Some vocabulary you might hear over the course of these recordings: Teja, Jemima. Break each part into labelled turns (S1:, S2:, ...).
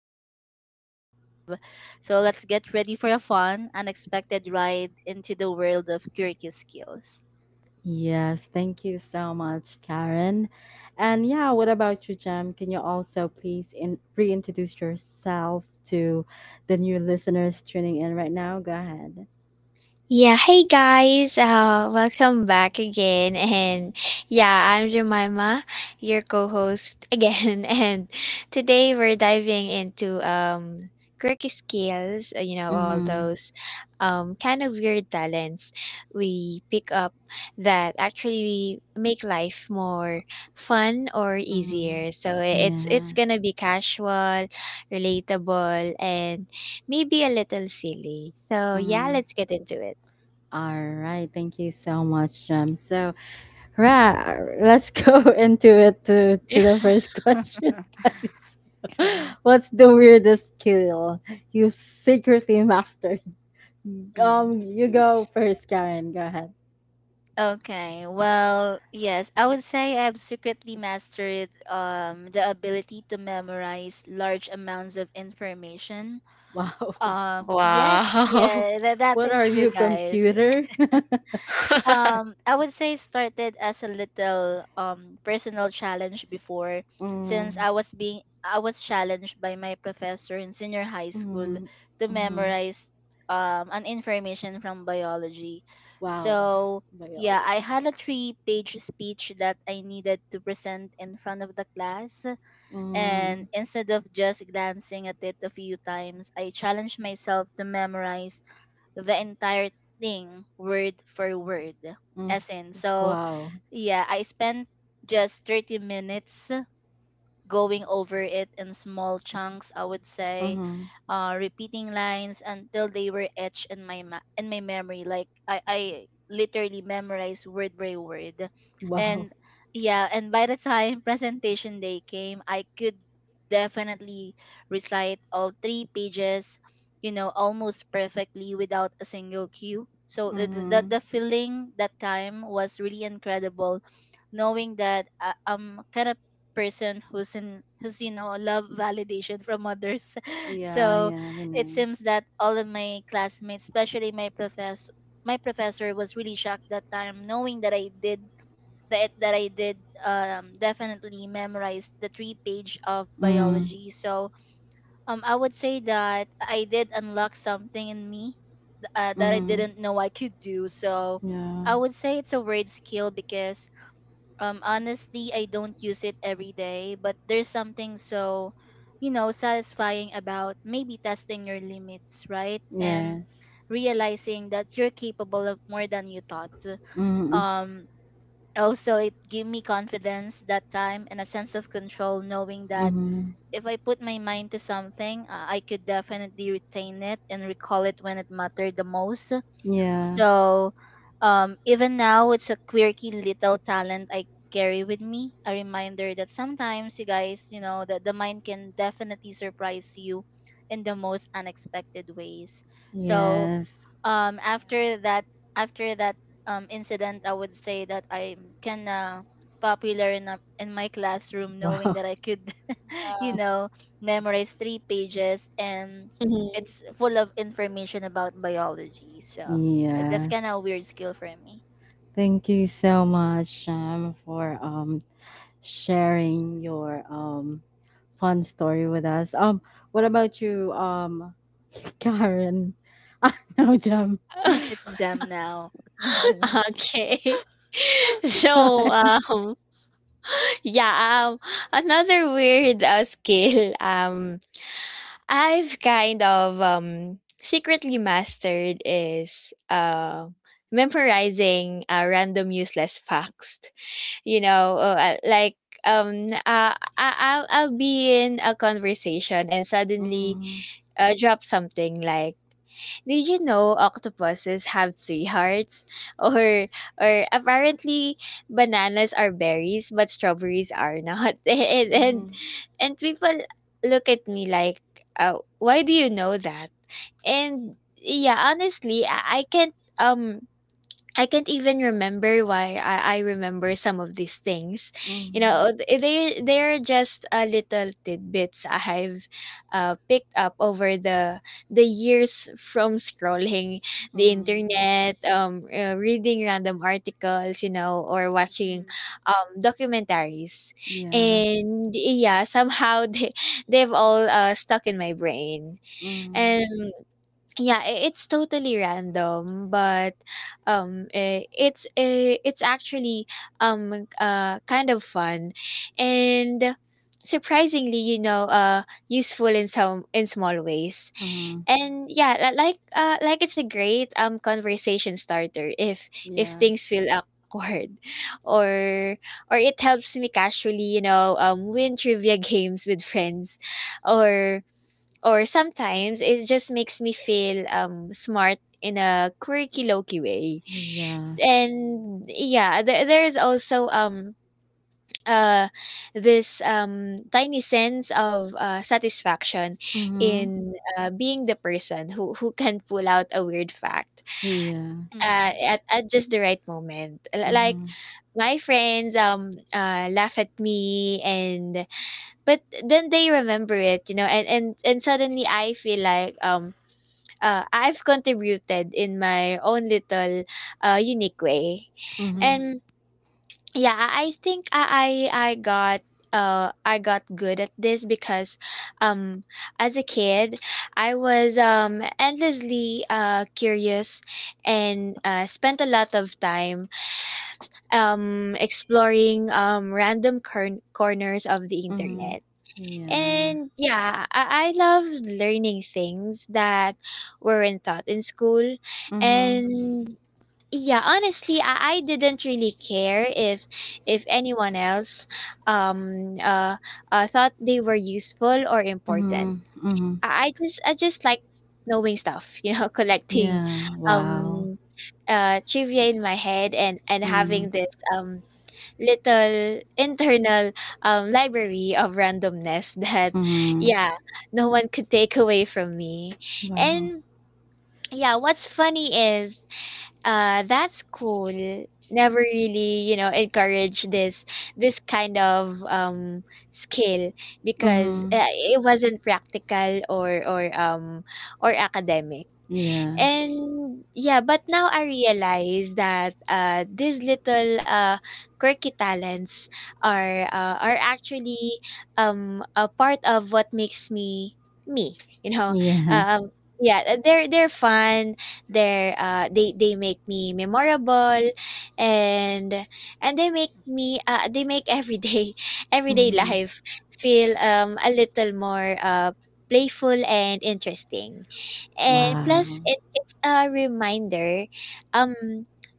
S1: that we all
S2: Mm-hmm.
S1: secretly have. So let's get ready for a fun, unexpected ride into the world of quirky skills.
S2: Yes, thank you so much, Karen. And yeah, what about you, Jem? Can you also please reintroduce yourself to the new listeners tuning in right now? Go ahead.
S3: Yeah, hey guys, welcome back again. And yeah, I'm Jemima, your co host again. And today we're diving into quirky skills, you know, all
S2: Mm-hmm.
S3: those kind of weird talents we pick up that actually make life more fun or
S2: Mm-hmm.
S3: easier. So it's
S2: Yeah.
S3: gonna be casual, relatable, and maybe a little silly. So yeah,
S2: Mm-hmm.
S3: let's get into it.
S2: All right. Thank you so much, Jem. So, right, let's go into it to
S3: Yeah.
S2: the first question, guys. What's the weirdest skill you've secretly mastered? You go first, Karen. Go ahead.
S1: Okay. Well, yes, I would say I've secretly mastered the ability to memorize large amounts of information.
S2: Wow.
S1: Yes, yeah, that
S2: What
S1: is
S2: are
S1: true,
S2: you,
S1: guys.
S2: computer?
S1: I would say started as a little personal challenge before, since
S2: Mm,
S1: I was being I was challenged by my professor in senior high school
S2: mm,
S1: to
S2: mm.
S1: memorize an information from biology.
S2: Wow.
S1: So yeah, I
S2: Biology.
S1: had a three-page speech that I needed to present in front of the class, and
S2: Mm,
S1: instead of just glancing at it a few times, I challenged myself to memorize the entire thing word for word.
S2: mm.
S1: As in, so
S2: Wow.
S1: yeah, I spent just 30 minutes going over it in small chunks, I would say,
S2: Mm-hmm.
S1: repeating lines until they were etched in my in my memory. Like I literally memorized word by word,
S2: Wow.
S1: and yeah, and by the time presentation day came, I could definitely recite all three pages, you know, almost perfectly without a single cue. So the the,
S2: Mm-hmm.
S1: the feeling that time was really incredible, knowing that I'm kind of person who's you know love validation from others.
S2: Yeah,
S1: So
S2: yeah, we
S1: it
S2: know.
S1: seems that all of my classmates, especially my professor, my professor was really shocked that time, knowing that I did that I did definitely memorize the three page of
S2: Mm,
S1: biology. So I would say that I did unlock something in me that I
S2: mm,
S1: didn't know I could do. So
S2: yeah.
S1: I would say it's a weird skill because, honestly, I don't use it every day, but there's something so, you know, satisfying about maybe testing your limits, right? And
S2: Yes.
S1: realizing that you're capable of more than you thought.
S2: Mm,
S1: Um, also, it gave me confidence that time and a sense of control, knowing that
S2: mm-hmm.
S1: if I put my mind to something, I could definitely retain it and recall it when it mattered the most.
S2: Yeah.
S1: So even now, it's a quirky little talent I carry with me. A reminder that sometimes, you guys, you know, that the mind can definitely surprise you in the most unexpected ways. So
S3: Mm,
S2: Yes.
S3: yeah.
S1: after that, after that incident, I would say that I'm kinda popular in, in my classroom, knowing
S2: Wow.
S1: that I could you
S3: Yeah.
S1: know memorize three pages, and
S3: Mhm.
S1: it's full of information about biology. So that's
S2: Yeah.
S1: kind of a weird skill for me.
S2: Thank you so much, Sham, for sharing your fun story with us. What about you, Karen? Ah, no, Jam. Go
S1: It's Jam now.
S3: Okay. So,
S2: ahead.
S3: um Yeah, another weird skill I've kind of secretly mastered is memorizing random useless facts. You know, like I'll I'll be in a conversation and suddenly
S2: Mm-hmm.
S3: drop something like, did you know octopuses have three hearts? Or or apparently bananas are berries but strawberries are not. And and,
S2: Mm-hmm.
S3: and people look at me like, why do you know that? And yeah, honestly, I can't even remember why I remember some of these things. You know,
S2: Mm-hmm.
S3: they're just little tidbits I've picked up over the years from scrolling the
S2: Mm-hmm.
S3: internet, reading random articles, you know, or watching
S1: Mhm.
S3: documentaries,
S2: Yeah.
S3: and yeah, somehow they've all stuck in my brain
S2: Mm-hmm.
S3: and. Yeah, I it's totally random, but it's actually kind of fun, and surprisingly, you know, useful in some in small ways.
S2: Mm-hmm.
S3: And yeah, like it's a great conversation starter if
S2: Yeah.
S3: things feel awkward, or or it helps me casually, you know, win trivia games with friends, or or sometimes it just makes me feel smart in a quirky low-key way.
S2: Yeah.
S3: And yeah, there is also uh this tiny sense of satisfaction
S2: Mm-hmm.
S3: in being the person who can pull out a weird fact
S2: Yeah.
S1: Mhm.
S3: at just the right moment. Like
S2: Mm-hmm.
S3: my friends laugh at me, and but then they remember it, you know, and suddenly I feel like I've contributed in my own little unique way.
S2: Mm-hmm.
S1: Mhm.
S3: And yeah, I think I got I got good at this because um as a kid I was endlessly curious and spent a lot of time exploring random corners of the
S2: Mm-hmm.
S3: internet,
S2: Yeah.
S3: and yeah, I love learning things that weren't taught in school.
S2: Mm-hmm.
S3: And yeah, honestly, I didn't really care if anyone else um uh, thought they were useful or
S2: Mm-hmm.
S3: important.
S2: Mm-hmm.
S3: I just like knowing stuff, you know, collecting
S2: Yeah. Wow.
S3: um trivia in my head, and
S2: Mm-hmm.
S3: having this um little internal library of randomness that
S2: Mm-hmm.
S3: yeah no one could take away from me.
S2: Wow.
S3: And yeah, what's funny is that school never really, you know, encouraged this this kind of skill, because
S2: Mm-hmm.
S3: it wasn't practical or academic.
S2: Yeah.
S3: And yeah, but now I realize that these little quirky talents are actually a part of what makes me me. You know,
S2: Yeah.
S3: Uh, um, yeah, they're fun. They're they make me memorable, and and they make me they make everyday everyday
S2: Mhm.
S3: life feel a little more playful and interesting. And plus
S2: Wow.
S3: it, it's a reminder um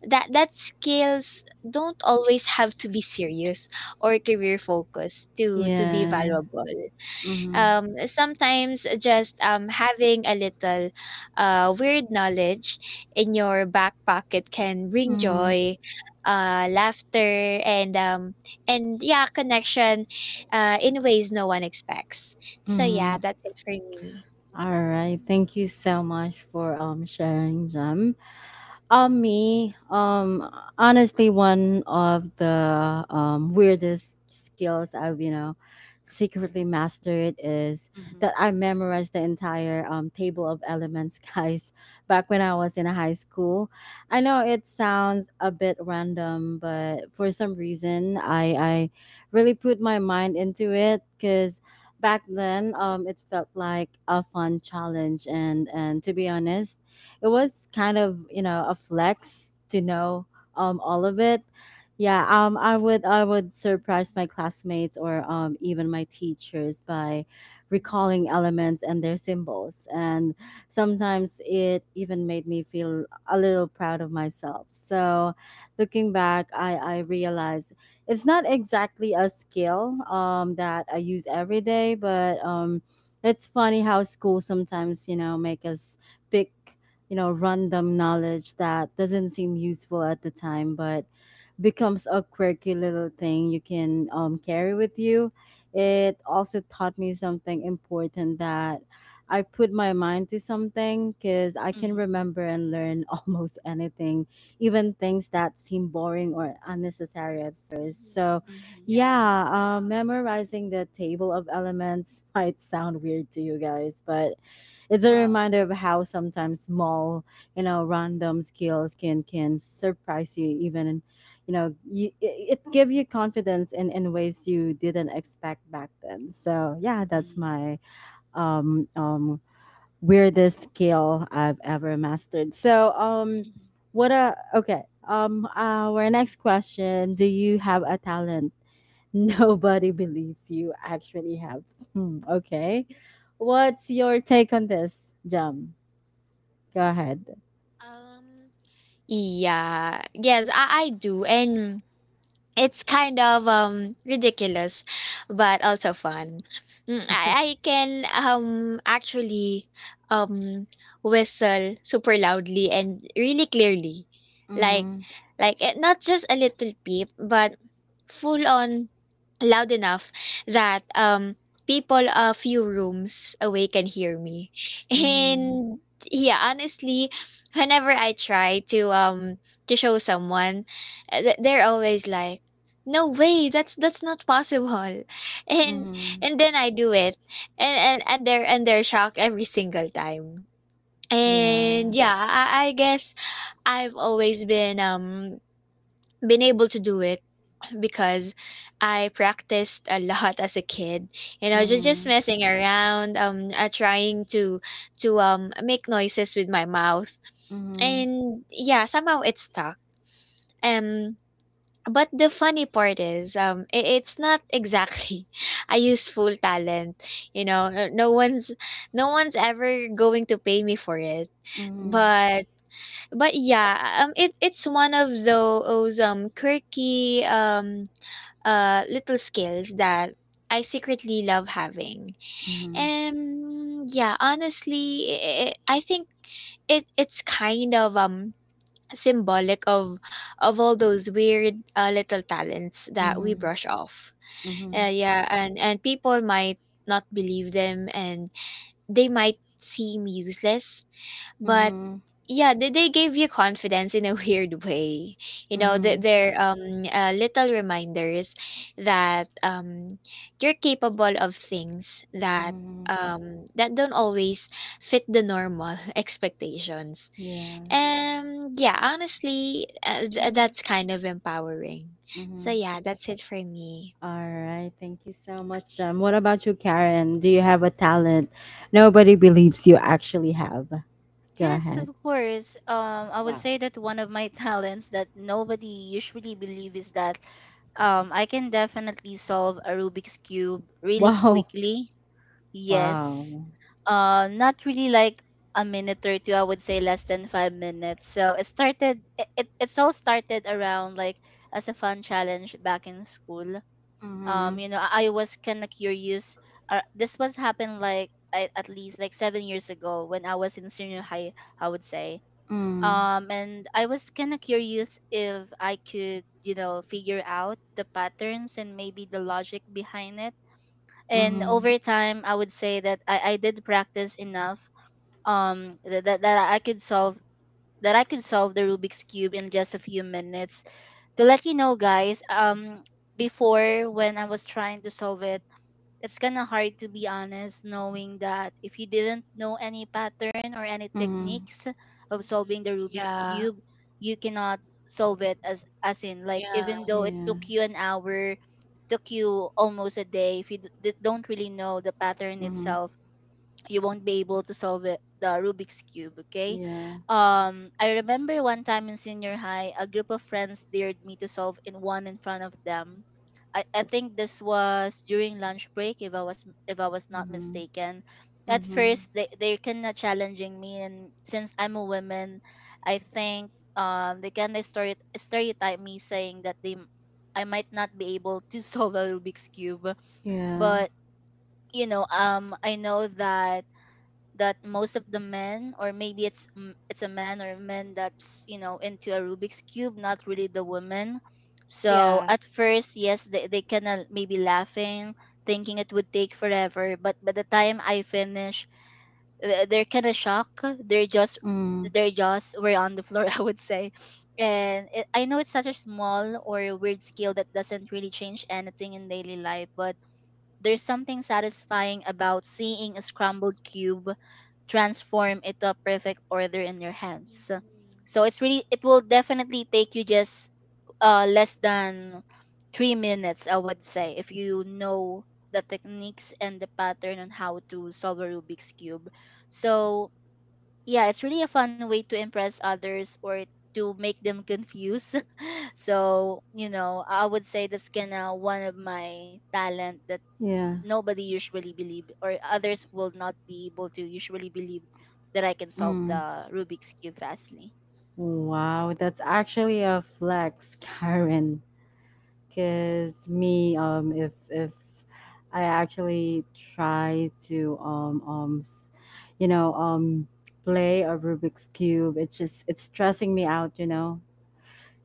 S3: that that skills don't always have to be serious or career focused to be
S2: Yeah.
S3: valuable.
S2: Mhm.
S3: Sometimes just having a little weird knowledge in your back pocket can bring
S2: Mhm.
S3: joy, laughter, and yeah, connection in ways no one expects. So yeah,
S2: Mhm.
S3: that's it for me.
S2: All right.
S1: Mhm.
S2: Thank you so much for sharing, Jam. Um, me, um, honestly, one of the weirdest skills I've, you know, secretly mastered is
S1: Mhm.
S2: that I memorized the entire table of elements, guys, back when I was in high school. I know it sounds a bit random, but for some reason, I really put my mind into it because back then it felt like a fun challenge and to be honest it was kind of you know a flex to know all of it. Yeah, I would surprise my classmates or even my teachers by
S3: Mhm.
S2: recalling elements and their symbols, and sometimes it even made me feel a little proud of myself. So looking back I realized it's not exactly a skill that I use every day, but it's funny how school sometimes, you know, make us pick, you know, random knowledge that doesn't seem useful at the time, but becomes a quirky little thing you can, carry with you. It also taught me something important that I put my mind to something because I can
S1: Mhm.
S2: remember and learn almost anything, even things that seem boring or unnecessary at first.
S3: Mhm.
S2: So,
S1: Mhm.
S3: Yeah.
S2: yeah, memorizing the table of elements might sound weird to you guys, but it's a
S1: Wow.
S2: reminder of how sometimes small, you know, random skills can surprise you. Even you know you, it give you confidence in ways you didn't expect back then. So yeah, that's
S1: Mhm.
S2: my um um weirdest skill I've ever mastered. So
S1: Mhm.
S2: what a okay, our next question, do you have a talent nobody believes you actually have? Hmm, okay, what's your take on this, Jam? Go ahead.
S3: Um, yeah. Yes, I do. And it's kind of ridiculous, but also fun. Mm,
S2: Yeah.
S3: I can actually um whistle super loudly and really clearly. Like
S2: Mm-hmm,
S3: like it, not just a little peep, but full on, loud enough that people a few rooms away can hear me.
S2: mm-hmm,
S3: And yeah honestly whenever I try to show someone they're always like no way that's not possible. and
S2: mm-hmm,
S3: and then I do it, and they're and they're shocked every single time. And
S2: yeah,
S3: yeah I guess I've always been able to do it because I practiced a lot as a kid. You know, just
S2: mm-hmm,
S3: messing around, trying to make noises with my mouth,
S2: mm-hmm.
S3: and yeah, somehow it stuck. Um, but the funny part is, I it's not exactly a useful talent. You know, no one's no one's ever going to pay me for it,
S2: Mhm,
S3: but but yeah, it it's one of those quirky little skills that I secretly love having.
S2: mhm,
S3: And yeah, honestly, I think it it's kind of symbolic of all those weird little talents that we
S2: mhm,
S3: brush off.
S2: mhm,
S3: Yeah, and people might not believe them, and they might seem useless, but
S2: mhm,
S3: yeah, they gave you confidence in a weird way. You know,
S2: mhm,
S3: they're little reminders that you're capable of things that
S2: mhm.
S3: that don't always fit the normal expectations.
S2: Yeah.
S3: And yeah, honestly,
S1: Mhm.
S3: that's kind of empowering. So
S2: Mhm.
S3: yeah, that's it for me.
S2: All right. Thank you so much, Jem. What about you, Karen? Do you have a talent nobody believes you actually have? Go
S1: Yes, of
S2: ahead.
S1: course. I would
S2: Wow.
S1: say that one of my talents that nobody usually believe is that, I can definitely solve a Rubik's cube really
S2: Wow.
S1: quickly. Yes.
S2: Wow.
S1: Not really like a minute or two. I would say less than 5 minutes. So it started. It's all started around like as a fun challenge back in school.
S2: Mhm.
S1: You know, I was kind of curious. This was happened like at least like 7 years ago when I was in senior high, I would say.
S2: Mhm.
S1: And I was kind of curious if I could, you know, figure out the patterns and maybe the logic behind it. And
S2: Mhm.
S1: over time, I would say that I did practice enough that, I could solve, the Rubik's cube in just a few minutes. To let you know, guys, before, when I was trying to solve it, it's kind of hard to be honest, knowing that if you didn't know any pattern or any
S2: Mhm.
S1: techniques of solving
S3: Hmm.
S1: the Rubik's
S3: Yeah.
S1: cube, you cannot solve it, as in like, even
S3: Yeah.
S1: though it
S2: Yeah.
S1: took you an hour, took you almost a day, if you don't really know the pattern
S2: Mhm.
S1: itself, you won't be able to solve it, the Rubik's cube, okay?
S2: Yeah.
S1: I remember one time in senior high, a group of friends dared me to solve in one in front of them. I think this was during lunch break, if I was not
S2: Mhm.
S1: mistaken. At
S2: Mhm.
S1: first, they kind of challenging me, and since I'm a woman, I think they kind of stereotype me, saying that I might not be able to solve a Rubik's cube.
S2: Yeah.
S1: But you know, I know that most of the men, or maybe it's a man or men that's you know into a Rubik's cube, not really the woman. So
S3: Yeah.
S1: at first, yes, they kind of maybe laughing, thinking it would take forever, but by the time I finish, they're kind of shocked, they're just,
S2: Mm.
S1: their jaws were on the floor, I would say. And it, I know it's such a small or a weird skill that doesn't really change anything in daily life, but there's something satisfying about seeing a scrambled cube transform it to a perfect order in your hands.
S3: Mhm.
S1: So it's really, it will definitely take you just less than 3 minutes, I would say, if you know the techniques and the pattern on how to solve a Rubik's cube. So yeah, it's really a fun way to impress others or to make them confused. So, you know, I would say that's kinda one of my talent that
S2: Yeah.
S1: nobody usually believe or others will not be able to usually believe that I can solve
S2: Mm.
S1: the Rubik's cube fastly.
S2: Wow, that's actually a flex, Karen. Cause me, if I actually try to you know, play a Rubik's cube, it's just it's stressing me out, you know.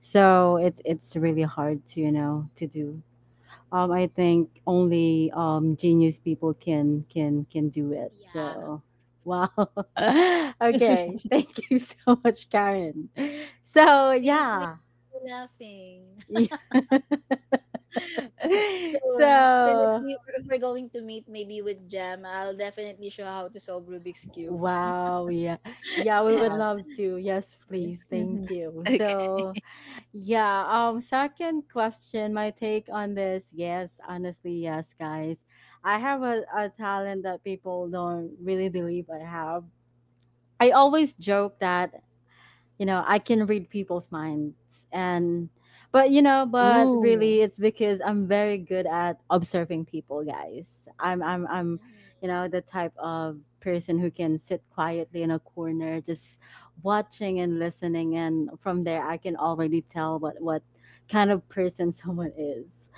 S2: So it's really hard to you know to do. I think only genius people can can do it.
S3: Yeah.
S2: So, wow. Okay, thank you so much, Karen. So
S1: See, Queen,
S2: yeah,
S1: you're laughing. So, soon as
S2: so
S1: we, if we're going to meet maybe with Jam, I'll definitely show how to solve Rubik's cube.
S2: wow, yeah, yeah. We would
S3: Wow.
S2: love to. Yes,
S1: Yeah.
S2: please.
S3: Hmm.
S2: Thank you.
S1: Okay.
S2: So, yeah, second question, my take on this. Yes, honestly, yes, guys. I have a talent that people don't really believe I have. I always joke that you know I can read people's minds, and but you know but
S1: Ooh.
S2: really it's because I'm very good at observing people, guys. I'm
S3: Mhm.
S2: you know the type of person who can sit quietly in a corner just watching and listening, and from there I can already tell what kind of person someone is.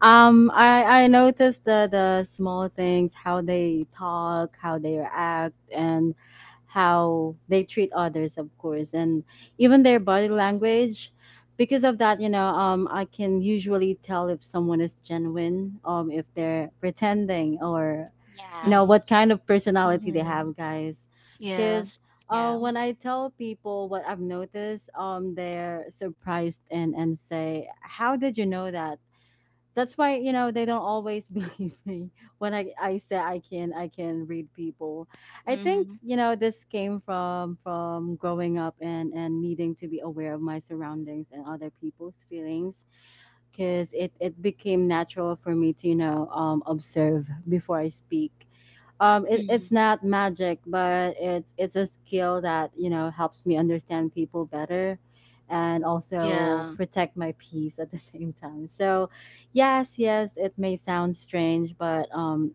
S2: I noticed the small things, how they talk, how they react, and how they treat others, of course, and even their body language. Because of that, you know, I can usually tell if someone is genuine, if they're pretending, or you know,
S3: Yeah.
S1: Hmm.
S2: what kind of personality they
S3: Hmm.
S2: have, guys.
S1: Yes.
S2: Because
S3: Yeah. Really?
S2: when I tell people what I've noticed, they're surprised and say, "How did you know that?" That's why you know they don't always believe me when I say I can read people. I think
S1: Hmm.
S2: you know this came from growing up and needing to be aware of my surroundings and other people's feelings, because it became natural for me to you know, observe before I speak. It's
S1: Hmm.
S2: not magic, but it's a skill that you know helps me understand people better and also
S1: Yeah.
S2: protect my peace at the same time. So yes, yes, it may sound strange, but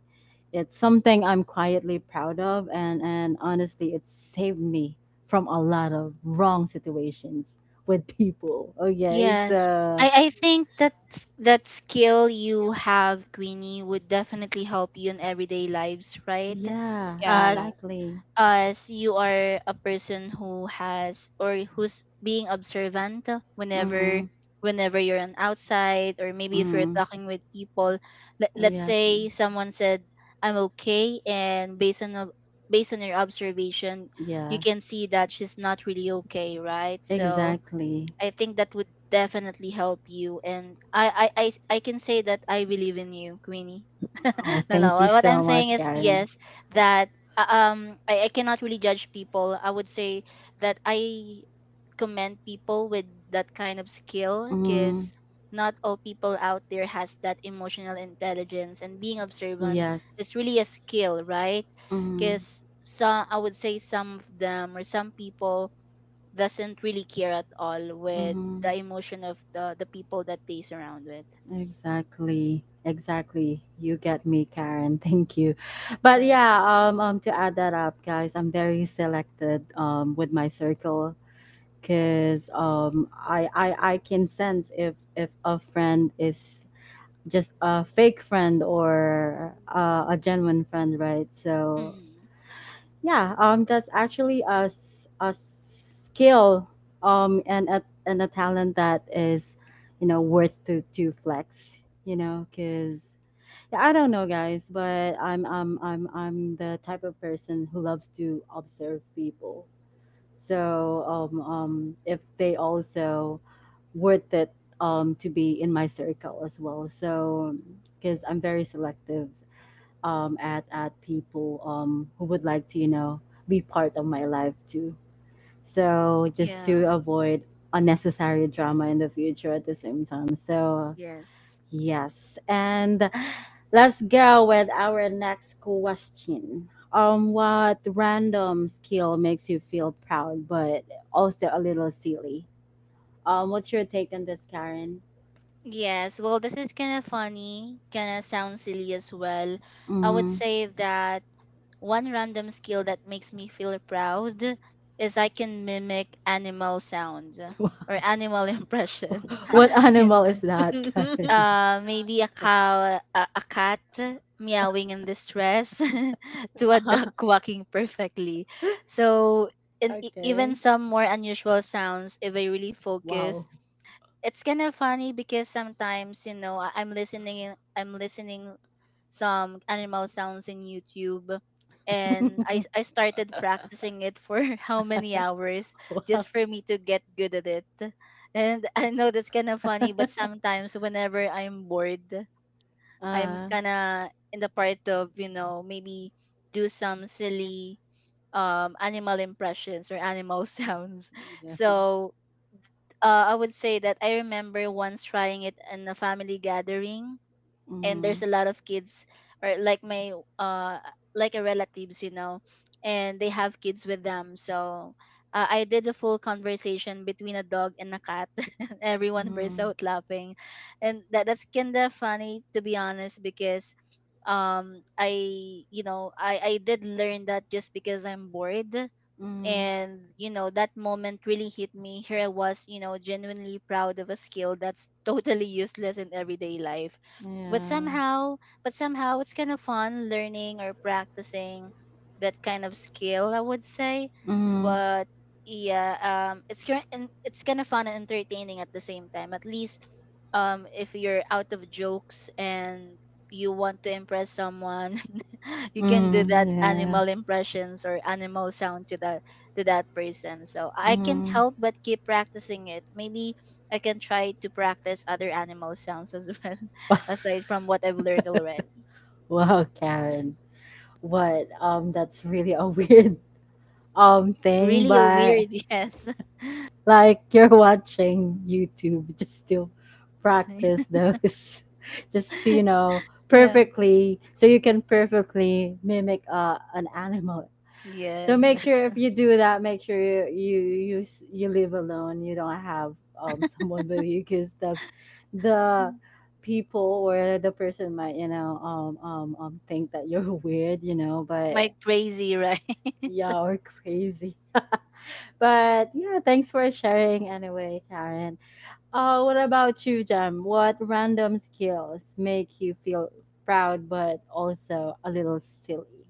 S2: it's something I'm quietly proud of, and honestly it saved me from a lot of wrong situations with people, okay?
S1: Yes.
S2: So
S1: I think that that skill you have, Queenie, would definitely help you in everyday lives, right?
S2: yeah,
S1: As
S3: Yeah.
S2: exactly.
S1: as you are a person who has or who's being observant
S2: Mm-hmm,
S1: whenever, whenever you're on outside or maybe if you're
S2: mm-hmm,
S1: talking with people. Let's
S2: exactly,
S1: say someone said, I'm okay, and based on based on your observation, you
S2: yeah.
S1: can see that she's not really okay, right? So
S2: Exactly.
S1: I think that would definitely help you. And I can say that I believe in you, Queenie.
S2: Oh,
S1: No, no.
S2: thank you
S1: What
S2: so
S1: I'm saying
S2: much,
S1: is
S2: Karen.
S1: yes, that I cannot really judge people. I would say that I commend people with that kind of skill,
S2: Mm,
S1: because not all people out there has that emotional intelligence, and being observant
S2: yes.
S1: is really a skill, right?
S2: Mm,
S1: Because some, I would
S3: Mm.
S1: say some of them or some people doesn't really care at all with the
S2: mm,
S1: emotion of the people that they surround with.
S2: exactly. Exactly. You get me, Karen. Thank you. But
S1: Right.
S2: yeah, to add that up, guys, I'm very selected with my circle because I can sense if a friend is just a fake friend or a
S3: Yeah.
S2: genuine friend, right? So
S1: Mm,
S2: yeah, that's actually a skill and a talent that is, you know, worth to flex. You know, because yeah, I don't know, guys, but I'm the type of person who loves to observe people. So if they also worth it to be in my circle as well. So because I'm very selective at people who would like to you know be part of my life too. So just
S1: yeah.
S2: to avoid unnecessary drama in the future at the same time. So
S1: Yes.
S2: yes, and let's go with our next question. What random skill makes you feel proud but also a little silly? What's your take on this, Karen?
S1: Yes, well, this is kind of funny, kind of sounds silly as well. I would
S2: Mm.
S1: say that one random skill that makes me feel proud is I can mimic animal sounds or animal impression.
S3: Wow.
S2: What
S1: You
S2: animal
S1: know,
S2: is that, Karen?
S1: Maybe a cow, a cat meowing in distress to a duck
S3: Wow.
S1: quacking perfectly. So, and even
S2: Okay.
S1: some more unusual sounds, if I really focus,
S2: Wow.
S1: it's kind of funny because sometimes you know I'm listening I'm listening some animal sounds in YouTube, and I started practicing it for how many hours
S2: Wow.
S1: just for me to get good at it. And I know that's kind of funny, but sometimes whenever I'm bored, I'm
S2: Uh,
S1: kind of in the part of, you know, maybe do some silly animal impressions or animal sounds.
S2: yeah.
S1: So, I would say that I remember once trying it in a family gathering, and there's
S2: Mm,
S1: a lot of kids, or like my uh like a relatives, you know, and they have kids with them. So I did a full conversation between a dog and a cat. Everyone burst
S2: mm,
S1: out laughing, and that, that's kind of funny to be honest because, I you know, I did learn that just because I'm bored,
S2: mm,
S1: and you know that moment really hit me, here I was, you know, genuinely proud of a skill that's totally useless in everyday life. But
S2: yeah.
S1: somehow, it's kind of fun learning or practicing that kind of skill, I would say.
S2: Mm,
S1: But yeah, it's and it's kind of fun and entertaining at the same time, at least. If you're out of jokes and you want to impress someone, you can do
S2: mm,
S1: that
S2: yeah.
S1: animal impressions or animal sound to that, to that person. So I can't
S2: Mm.
S1: help but keep practicing it. Maybe I can try to practice other animal sounds as well, aside from what I've learned already.
S2: Wow,
S1: Yeah.
S2: Karen. What? That's really a weird thing,
S1: Really a
S2: but
S1: weird, yes.
S2: like you're watching YouTube just to practice those, just to you know
S1: yeah,
S2: perfectly, so you can perfectly mimic an animal. So
S1: yes.
S2: make sure if you do that, make sure you you live alone. You don't have someone with you, because the the people or the person might you know think that you're weird, you know,
S1: My
S2: but
S1: crazy, right?
S2: yeah or crazy. But yeah, thanks for sharing anyway, Karen. What about you, Jem? What random skills make you feel proud but also a little silly?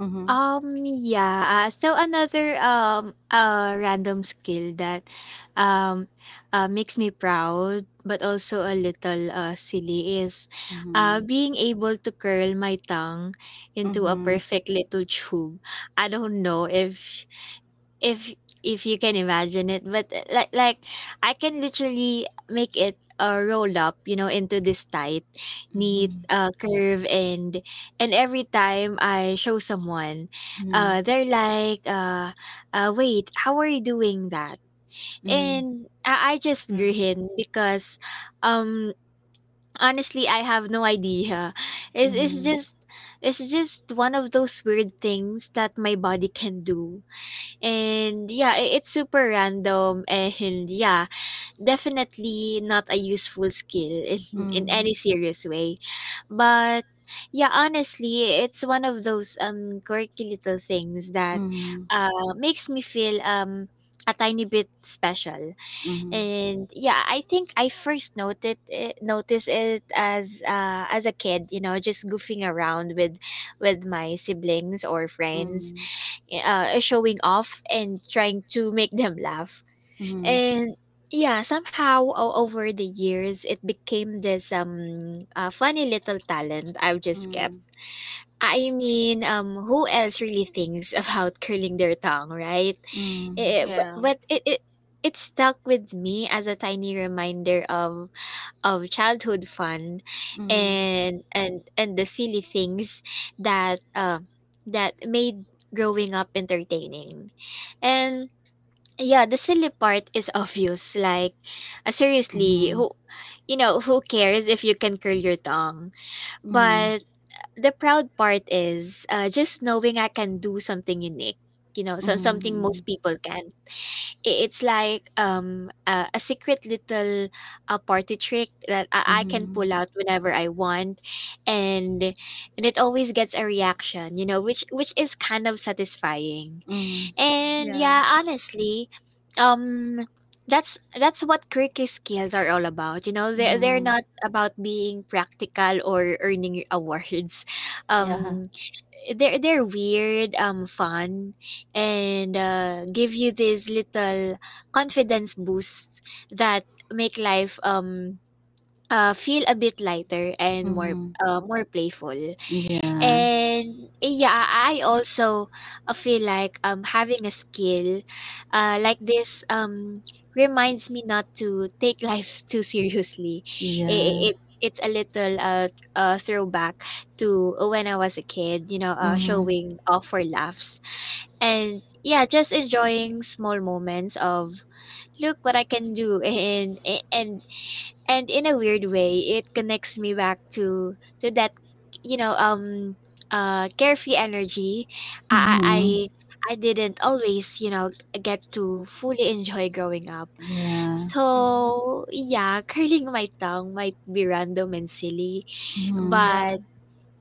S2: Mm-hmm.
S3: Yeah. So another random skill that um makes me proud but also a little silly is
S2: Mm-hmm.
S3: being able to curl my tongue into a
S2: Mm-hmm.
S3: perfect little tube. I don't know if if if you can imagine it, but like I can literally make it roll up, you know, into this tight neat
S2: Mm-hmm.
S3: curve. And every time I show someone
S2: Mm-hmm.
S3: they're like wait, how are you doing that?
S2: Mhm,
S3: And I just
S1: Mm.
S3: grin because um honestly I have no idea. It's
S2: mhm,
S3: just it's just one of those weird things that my body can do. And yeah, it's super random, and yeah, definitely not a useful skill in
S2: mhm,
S3: any serious way. But yeah, honestly, it's one of those quirky little things that
S2: mhm,
S3: uh makes me feel a tiny bit special.
S2: mhm,
S3: And yeah, I think I first noticed it as a kid, you know, just goofing around with my siblings or friends,
S2: mhm,
S3: showing off and trying to make them laugh.
S2: mhm, mhm,
S3: And yeah, somehow over the years, it became this funny little talent I've just
S2: mhm,
S3: kept. I mean, who else really thinks about curling their tongue, right? Eh, eh, but
S1: Yeah,
S3: but it, it it stuck with me as a tiny reminder of childhood fun,
S2: mhm, mhm,
S3: and the silly things that that made growing up entertaining. And yeah the silly part is obvious, like seriously
S2: mhm,
S3: who, you know, who cares if you can curl your tongue? But the proud part is just knowing I can do something unique, you know, something most people can. It's like a secret little party trick that I can
S2: mhm,
S3: pull out whenever I want, and and it always gets a reaction, you know, which is kind of satisfying.
S2: mhm, mhm,
S3: And
S1: yeah,
S3: yeah honestly um that's what quirky skills are all about, you know, they're
S2: mhm.
S3: not about being practical or earning awards.
S2: Yeah.
S3: um they're weird, fun, and give you these little confidence boosts that make life feel a bit lighter and more
S2: Mhm.
S3: more playful.
S2: Yeah.
S3: And yeah, I also feel like having a skill like this reminds me not to take life too seriously.
S2: Yeah.
S3: It, it it's a little throwback to when I was a kid, you know,
S2: Mhm.
S3: showing off for laughs. And yeah, just enjoying small moments of, look what I can do, and and in a weird way it connects me back to that, you know, carefree energy i i
S2: Mhm.
S3: i I didn't always, you know, get to fully enjoy growing up.
S2: Yeah.
S1: mhm,
S3: So yeah, curling my tongue might be random and silly,
S2: Mhm.
S1: yeah,
S3: but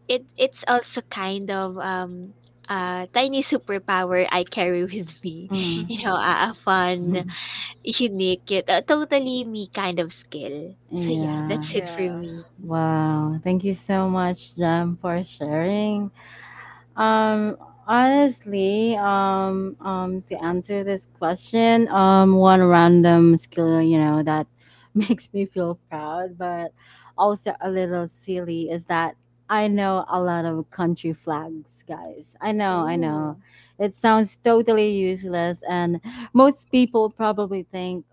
S3: it it's also kind of a tiny superpower I carry with me,
S2: Mhm.
S3: you know, a fun, unique yet, totally me kind of skill. So yeah,
S2: Yeah.
S3: that's it for
S1: yeah.
S3: me.
S2: Wow. Thank you so much, Jam, for sharing. Um, honestly, to answer this question, one random skill, you know, that makes me feel proud, but also a little silly, is that I know a lot of country flags, guys. I know, I know.
S1: Oh,
S2: It sounds totally useless, and most people probably think,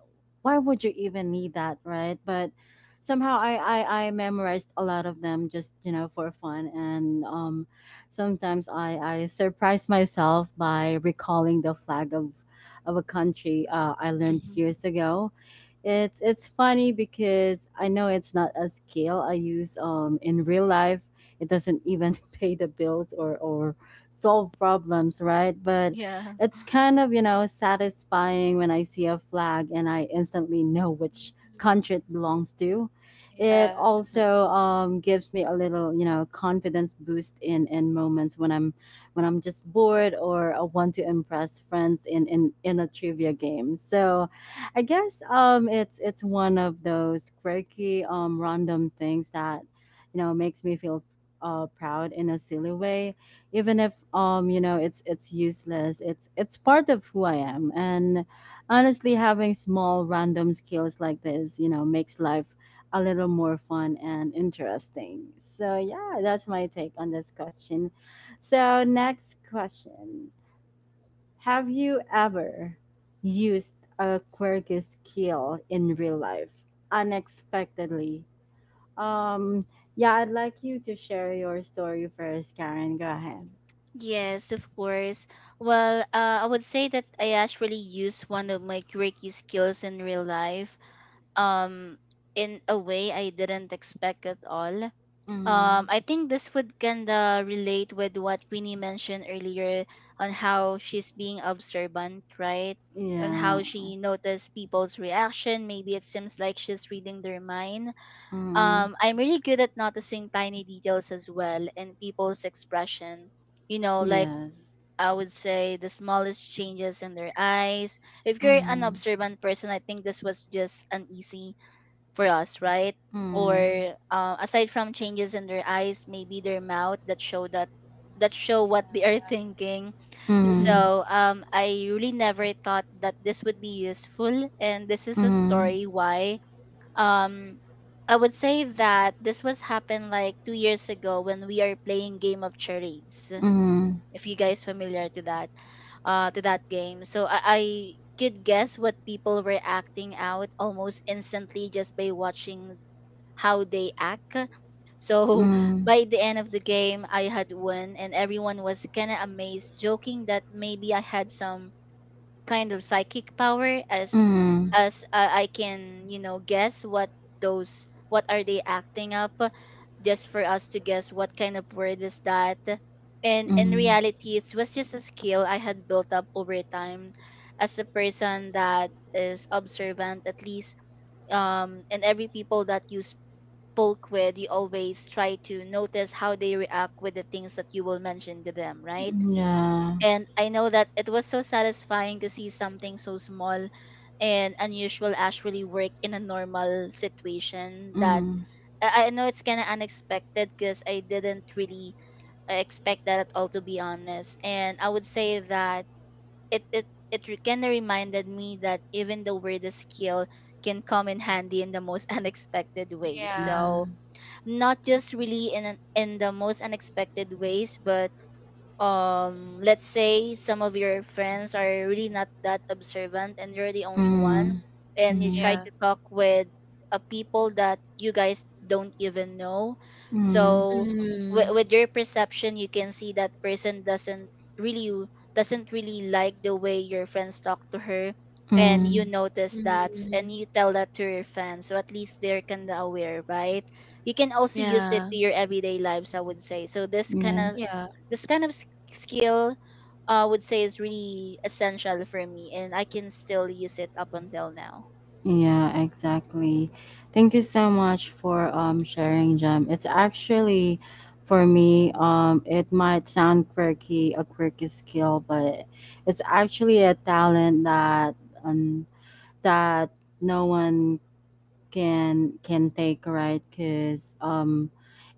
S2: why would you even need that, right? But somehow I memorized a lot of them just, you know, for fun. And sometimes I surprise myself by recalling the flag of a country I learned
S1: hmm,
S2: years ago. It's funny because I know it's not a skill I use in real life. It doesn't even pay the bills or solve problems, right? But
S1: yeah.
S2: it's kind of, you know, satisfying when I see a flag and I instantly know which country it
S3: Mhm.
S2: belongs to. It
S3: Yeah.
S2: also gives me a little, confidence boost in moments when I'm just bored, or I want to impress friends in a trivia game. So I guess it's one of those quirky random things that, makes me feel proud in a silly way, even if it's useless, it's part of who I am. And honestly, having small random skills like this, makes life a little more fun and interesting. So yeah, that's my take on this question. So next question: have you ever used a quirky skill in real life unexpectedly? Um, yeah, I'd like you to share your story first, Karen. Go ahead.
S1: Yes, of course. Well, I would say that I actually use one of my quirky skills in real life, um, in a way I didn't expect at all.
S2: Mm,
S1: I think this would kinda relate with what Queenie mentioned earlier on how she's being observant, right? On
S2: yeah.
S1: how she noticed people's reaction. Maybe it seems like she's reading their mind.
S2: Mm,
S1: I'm really good at noticing tiny details as well in people's expression. You know, like
S2: yes.
S1: I would say the smallest changes in their eyes. If you're an
S2: Mm,
S1: observant person, I think this was just uneasy for us, right? Or
S2: mm,
S1: aside from changes in their eyes, maybe their mouth that show what they
S3: Yeah.
S1: are thinking.
S2: mm,
S3: Mhm.
S1: So I really never thought that this would be useful, and this is a
S2: mm,
S1: story why um. I would say that this was happened like 2 years ago when we are playing Game of Charades
S2: mm,
S1: if you guys familiar to that to that game, so I could guess what people were acting out almost instantly just by watching how they act. So
S2: mm,
S1: by the end of the game I had won and everyone was kind of amazed, joking that maybe I had some kind of psychic power, as
S2: mm,
S1: I can, you know, guess what those, what are they acting up, just for us to guess what kind of word is that. And in
S2: mm,
S1: reality, it was just a skill I had built up over time as a person that is observant at least. And every people that you spoke with, you always try to notice how they react with the things that you will mention to them, right?
S2: yeah.
S1: And I know that it was so satisfying to see something so small and unusual actually work in a normal situation that
S2: Mm,
S1: I know it's kind of unexpected because I didn't really expect that at all, to be honest. And I would say that it it it kind of reminded me that even the weirdest skill can come in handy in the most unexpected ways. So
S3: Yeah.
S2: mm,
S1: not just really in an, in the most unexpected ways, but let's say some of your friends are really not that observant and you're the only one,
S2: mm,
S3: Mhm.
S1: and you
S2: mm,
S1: try to
S3: Yeah.
S1: talk with a people that you guys don't even know.
S2: mm,
S1: So
S3: Mhm.
S1: with your perception you can see that person really doesn't really like the way your friends talk to her, and you
S2: mm,
S1: notice
S3: Mhm.
S1: that and
S3: Mhm.
S1: you tell that to your fans, so at least they're kind of aware, right? You can also use it
S3: Yeah.
S1: to your everyday lives, I would say. So
S2: yes.
S3: Yeah.
S1: this kind of skill I would say is really essential for me, and I can still use it up until now.
S2: Yeah, exactly. Thank you so much for sharing, Jem. It's actually, for
S1: Mm-hmm.
S2: me, it might sound quirky, a quirky skill, but it's actually a talent um that no one can take, right? Because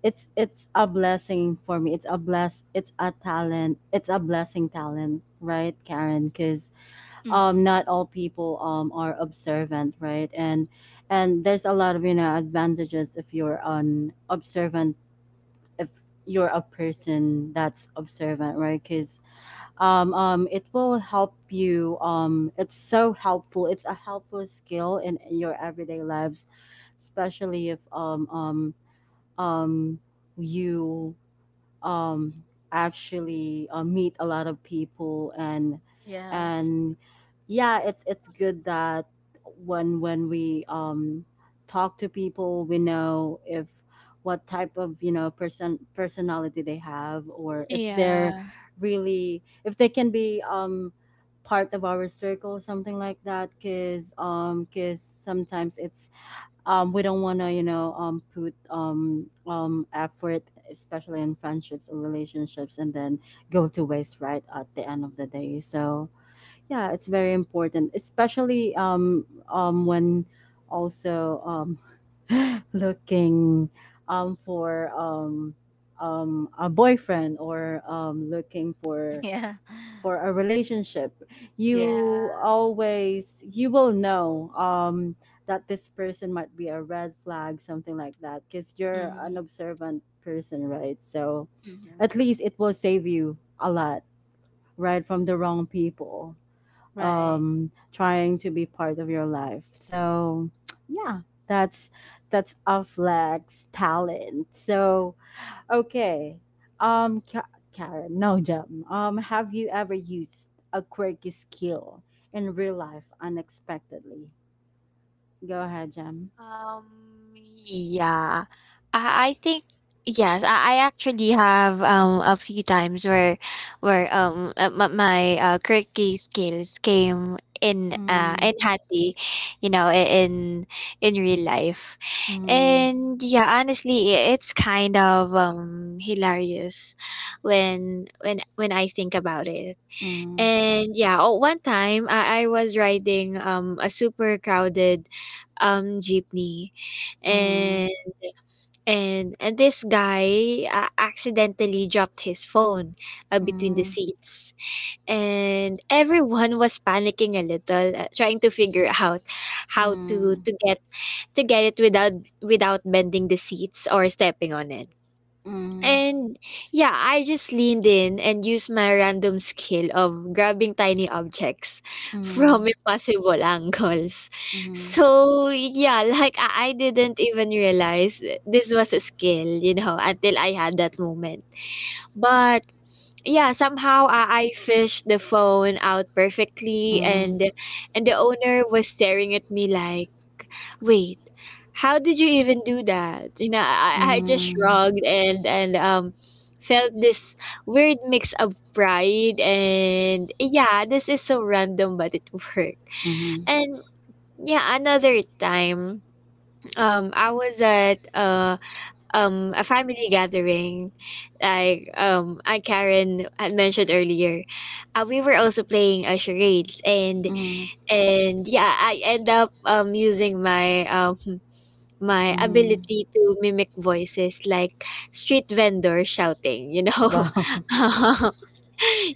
S2: it's a blessing for me. It's a bless. It's a talent. It's a blessing talent, right, Karen? Because
S1: Mm-hmm.
S2: not all people are observant, right? And there's a lot of, advantages if you're a person that's observant, right? Because it will help you. It's so helpful, it's a helpful skill in your everyday lives, especially if um you, um, actually meet a lot of people. And
S1: Yes.
S2: and yeah, it's good that when we, talk to people, we know if what type of, person personality they have, or
S3: Yeah.
S2: if they can be, part of our circle, something like that. Because cause sometimes it's, we don't want to, you know, put, effort, especially in friendships or relationships, and then go to waste, right, at the end of the day. So yeah, it's very important, especially when also, looking, for, a boyfriend, or looking for
S1: Yeah.
S2: a relationship.
S1: Yes.
S3: Yeah.
S2: You always you will know that this person might be a red flag, something like that, because you're
S1: Mm-hmm.
S2: an observant person, right? So
S1: Mm-hmm.
S2: at least it will save you a lot, right, from the wrong people,
S1: Right.
S2: trying to be part of your life. So yeah, that's that's a flex talent. So okay. Karen, no, Jem. Have you ever used a quirky skill in real life unexpectedly? Go ahead, Jem.
S3: Yeah. I think Yes, I actually have a few times where my quirky skills came in
S2: Mm,
S3: handy, you know, in real life.
S2: mm,
S3: And yeah, honestly, it's kind of hilarious when I think about it.
S2: mm,
S3: And yeah, oh, one time I was riding a super crowded jeepney
S2: mm, mm,
S3: and and this guy accidentally dropped his phone between the
S2: mm,
S3: seats, and everyone was panicking a little, trying to figure out how
S2: mm,
S3: to get it without bending the seats or stepping on it.
S2: mm,
S3: And yeah, I just leaned in and used my random skill of grabbing tiny objects from
S2: mm,
S3: impossible angles. So yeah, like I didn't even realize this was a skill, you know, until I had that moment. But yeah, somehow I fished the phone out perfectly,
S2: mm,
S3: and the owner was staring at me like, wait, how did you even do that? I just
S2: mm,
S3: shrugged, and felt this weird mix of pride, and yeah, this is so random, but it worked.
S2: mm,
S3: And yeah, another time, I was at a family gathering, like I Karen had mentioned earlier, we were also playing, charades, and
S2: mm,
S3: yeah, I end up using my my
S2: mm.
S3: ability to mimic voices, like street vendor shouting, you know.
S2: Wow.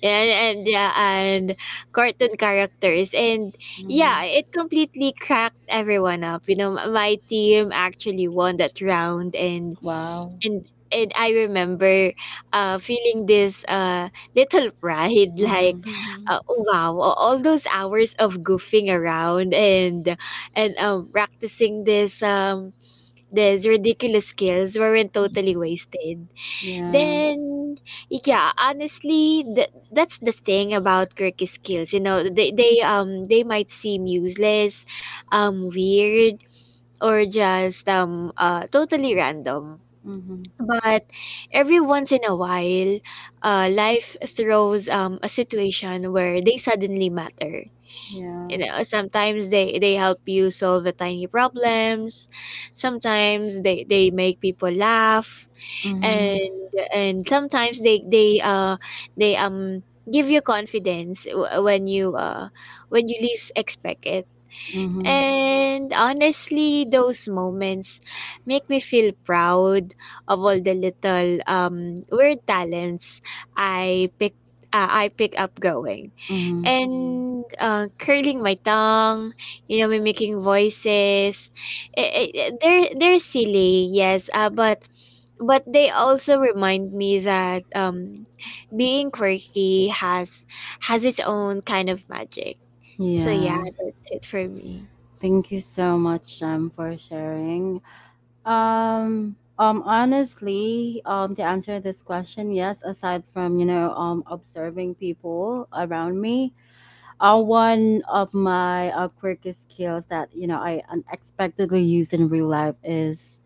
S3: And yeah, and cartoon characters. And
S2: Hmm.
S3: yeah, it completely cracked everyone up. You know, my team actually won that round, and
S2: Wow.
S3: and and I remember feeling this, little pride,
S2: Mm-hmm.
S3: like
S1: Mm-hmm.
S3: oh, wow, all those hours of goofing around and practicing this these ridiculous skills weren't
S1: Mm-hmm.
S3: totally wasted.
S2: Yeah.
S3: Then, yeah, honestly, that's the thing about quirky skills. You know, they might seem useless, weird, or just totally random.
S2: Mm-hmm.
S3: But every once in a while, life throws a situation where they suddenly matter.
S2: Yeah.
S3: You know, sometimes they help you solve the tiny problems, sometimes they make people laugh,
S2: Mm-hmm.
S3: and sometimes they give you confidence when you least expect it.
S2: Mm-hmm.
S3: And honestly, those moments make me feel proud of all the little weird talents i picked I pick up going,
S2: Mm-hmm.
S3: and curling my tongue, you know, mimicking voices. They're silly, yes, but they also remind me that being quirky has its own kind of magic. So yeah,
S2: Yeah.
S3: that's it for me.
S2: Thank you so much, Jem, for sharing. Um, honestly, to answer this question, yes. Aside from, observing people around me, one of my quirky skills that, I unexpectedly use in real life is,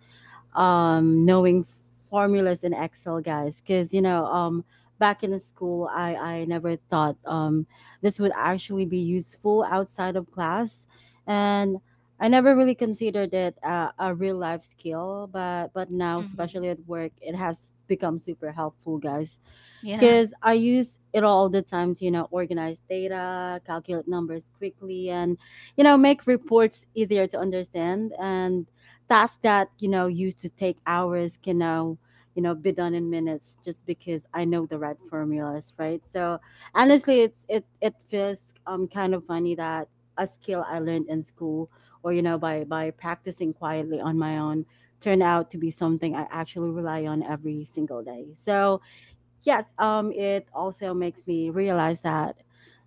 S2: knowing formulas in Excel, guys. Because, back in the school, I never thought, this would actually be useful outside of class, and I never really considered it a, real life skill. But now,
S1: Mm-hmm.
S2: especially at work, it has become super helpful, guys,
S1: Yeah.
S2: because I use it all the time to, organize data, calculate numbers quickly, and, make reports easier to understand. And tasks that used to take hours can now be done in minutes just because I know the right formulas, right? So honestly, it feels kind of funny that a skill I learned in school, or, by practicing quietly on my own, turned out to be something I actually rely on every single day. So yes, it also makes me realize that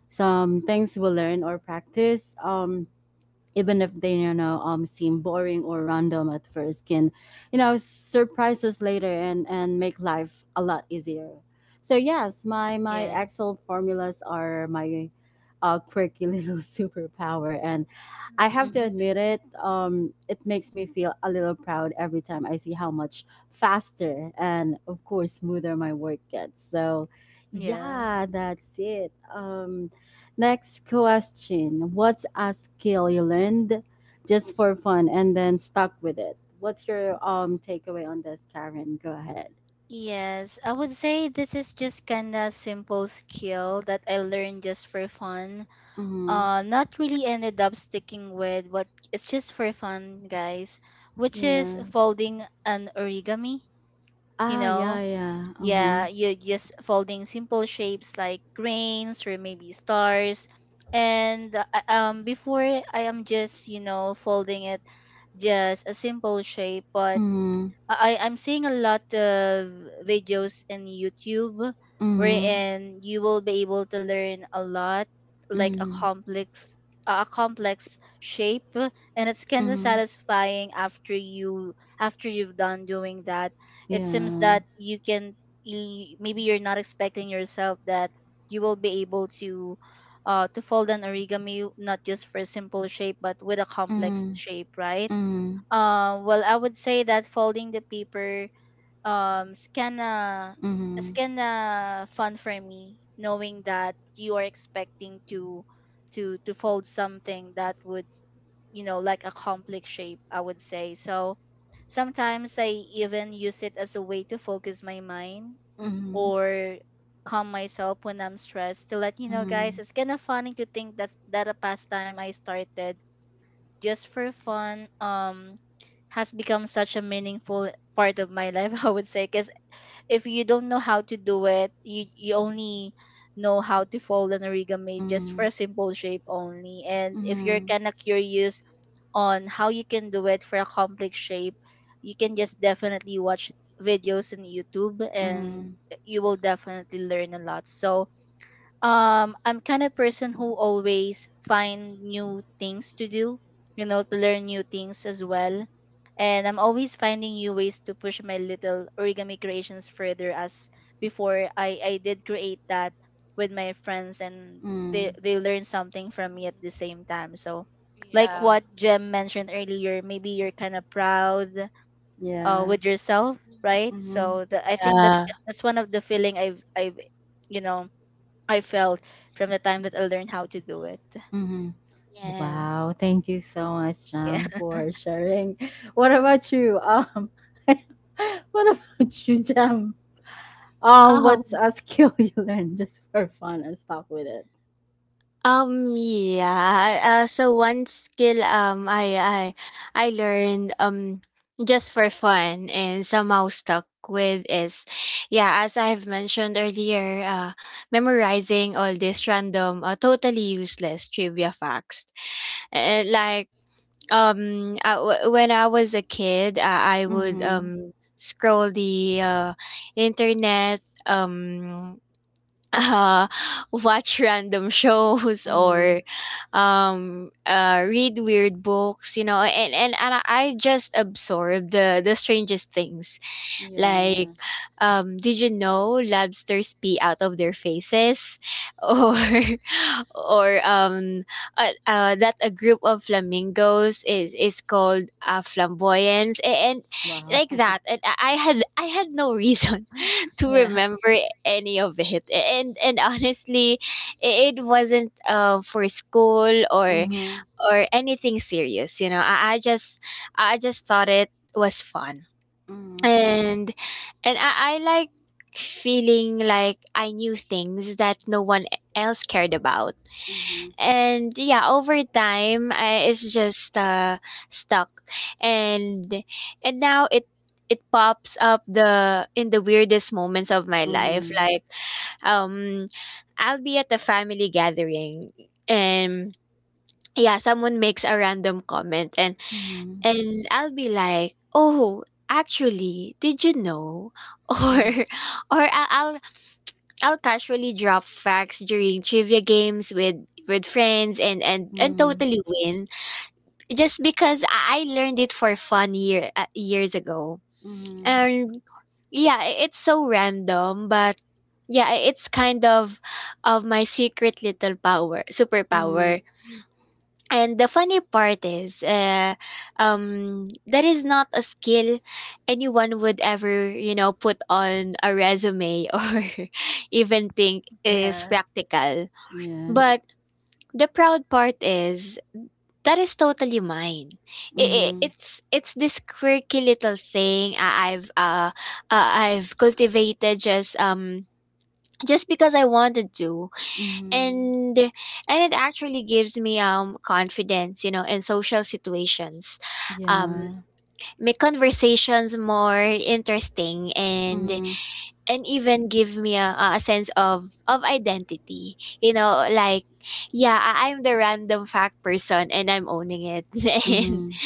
S2: some things we learn or practice, even if they, seem boring or random at first, can, surprise us later, and make life a lot easier. So yes, my
S1: Yes.
S2: Excel formulas are my, quirky little superpower, and I have to
S1: Mm-hmm.
S3: Mm-hmm.
S2: admit, it makes me feel a little proud every time I see how much faster and, of course, smoother my work gets. So
S1: Yeah.
S2: yeah, that's it. Next question. What's a skill you learned just for fun and then stuck with it? What's your takeaway on this, Karen? Go ahead.
S1: Yes. I would say this is just kind of simple skill that I learned just for fun,
S2: Mm-hmm.
S1: not really ended up sticking with what it's just for fun, guys, which is
S2: Yeah.
S1: folding an origami. You
S2: Ah, yeah,
S1: know,
S2: yeah. Mm-hmm.
S1: yeah, you're just folding simple shapes like grains or maybe stars. And before I am just, you know, folding it just a simple shape, but
S2: Mm-hmm.
S1: I'm seeing a lot of videos in YouTube wherein you will be able to learn a lot, like a
S2: Mm-hmm.
S1: complex, a complex shape, and it's kind of
S2: Mm-hmm.
S1: satisfying after you, after you've done doing that.
S2: Mm-hmm.
S1: It seems that
S2: Yeah.
S1: you can, maybe you're not expecting yourself that you will be able to to fold an origami not just for a simple shape but with a complex
S2: Mm-hmm.
S1: shape, right? Well, I would say that folding the paper is kinda
S2: Mm-hmm. Mm-hmm.
S1: is
S2: Mm-hmm.
S1: kinda fun for me, knowing that you are expecting to to fold something that would, you know, like a complex shape. I would say so. Sometimes I even use it as a way to focus my mind or calm myself when I'm stressed. To let you know, guys,
S2: Mm-hmm.
S1: it's kinda funny to think that a pastime I started just for fun has become such a meaningful part of my life, I would say, because if you don't know how to do it, you only know how to fold an origami just for a simple shape only. And if you're
S2: Mm-hmm.
S1: kind of curious on how you can do it for a complex shape, you can just definitely watch videos on YouTube and
S2: Mm-hmm.
S1: you will definitely learn a lot. So I'm kind of person who always find new things to do, you know, to learn new things as well. And I'm always finding new ways to push my little origami creations further, as before I did create that with my friends and
S2: Mm-hmm.
S1: they learn something from me at the same time. So like
S3: Yeah.
S1: what Jem mentioned earlier, maybe you're kind of proud
S2: Yeah.
S1: with yourself,
S3: Hmm.
S1: right?
S2: Mm-hmm.
S1: So the, I think that's
S3: Yeah.
S1: one of the feeling I've you know I felt from the time that I learned how to do it.
S2: Mm-hmm.
S3: Yeah.
S2: Wow, thank you so much,
S1: Yeah.
S2: John, for sharing. What about you? What about you, Jam? What's
S3: Oh.
S2: a skill you learned just for fun and stuck with it?
S3: Yeah. So one skill I learned just for fun and somehow stuck with is, yeah, as I've mentioned earlier, memorizing all these random, totally useless trivia facts. Like, when I was a kid, I would
S2: Mm-hmm.
S3: scroll the internet, um uh, watch random shows,
S2: Mm-hmm.
S3: or read weird books, you know, and I just absorb the strangest things, like,
S2: Yeah.
S3: did you know lobsters pee out of their faces? or or that a group of flamingos is called, flamboyance, and
S2: Wow.
S3: like that. And I had no reason to
S1: Yeah.
S3: remember any of it. And honestly, it wasn't, for school or
S2: Mm-hmm.
S3: anything serious. You know, I just thought it was fun,
S2: Mm-hmm.
S3: and I like feeling like I knew things that no one else cared about.
S2: Mm-hmm.
S3: And yeah, over time, I, it's just, stuck, and now it pops up the in the weirdest moments of my life.
S2: Mm-hmm.
S3: Like, um, I'll be at a family gathering, and yeah, someone makes a random comment, and
S2: Mhm.
S3: I'll be like, "Oh, actually, did you know?" Or
S2: Mm.
S3: or I- I'll I'll casually drop facts during trivia games with friends, and and
S2: Mhm.
S3: totally win just because I learned it for fun years ago.
S2: Mhm.
S3: And yeah, it's so random, but yeah, it's kind of my secret little power, superpower.
S2: Mhm.
S3: And the funny part is, that is not a skill anyone would ever, you know, put on a resume or even think is
S1: Yeah.
S3: practical.
S2: Yeah.
S3: But the proud part is that is totally mine. I
S2: Mhm.
S3: it's this quirky little thing I've cultivated just because I wanted to,
S2: Mhm.
S3: and it actually gives me confidence, you know, in social situations, um
S2: Yeah.
S3: make conversations more interesting, and
S2: Mhm.
S3: even give me a sense of identity, you know, like, yeah, I, I'm the random fact person and I'm owning it. And
S2: Mhm.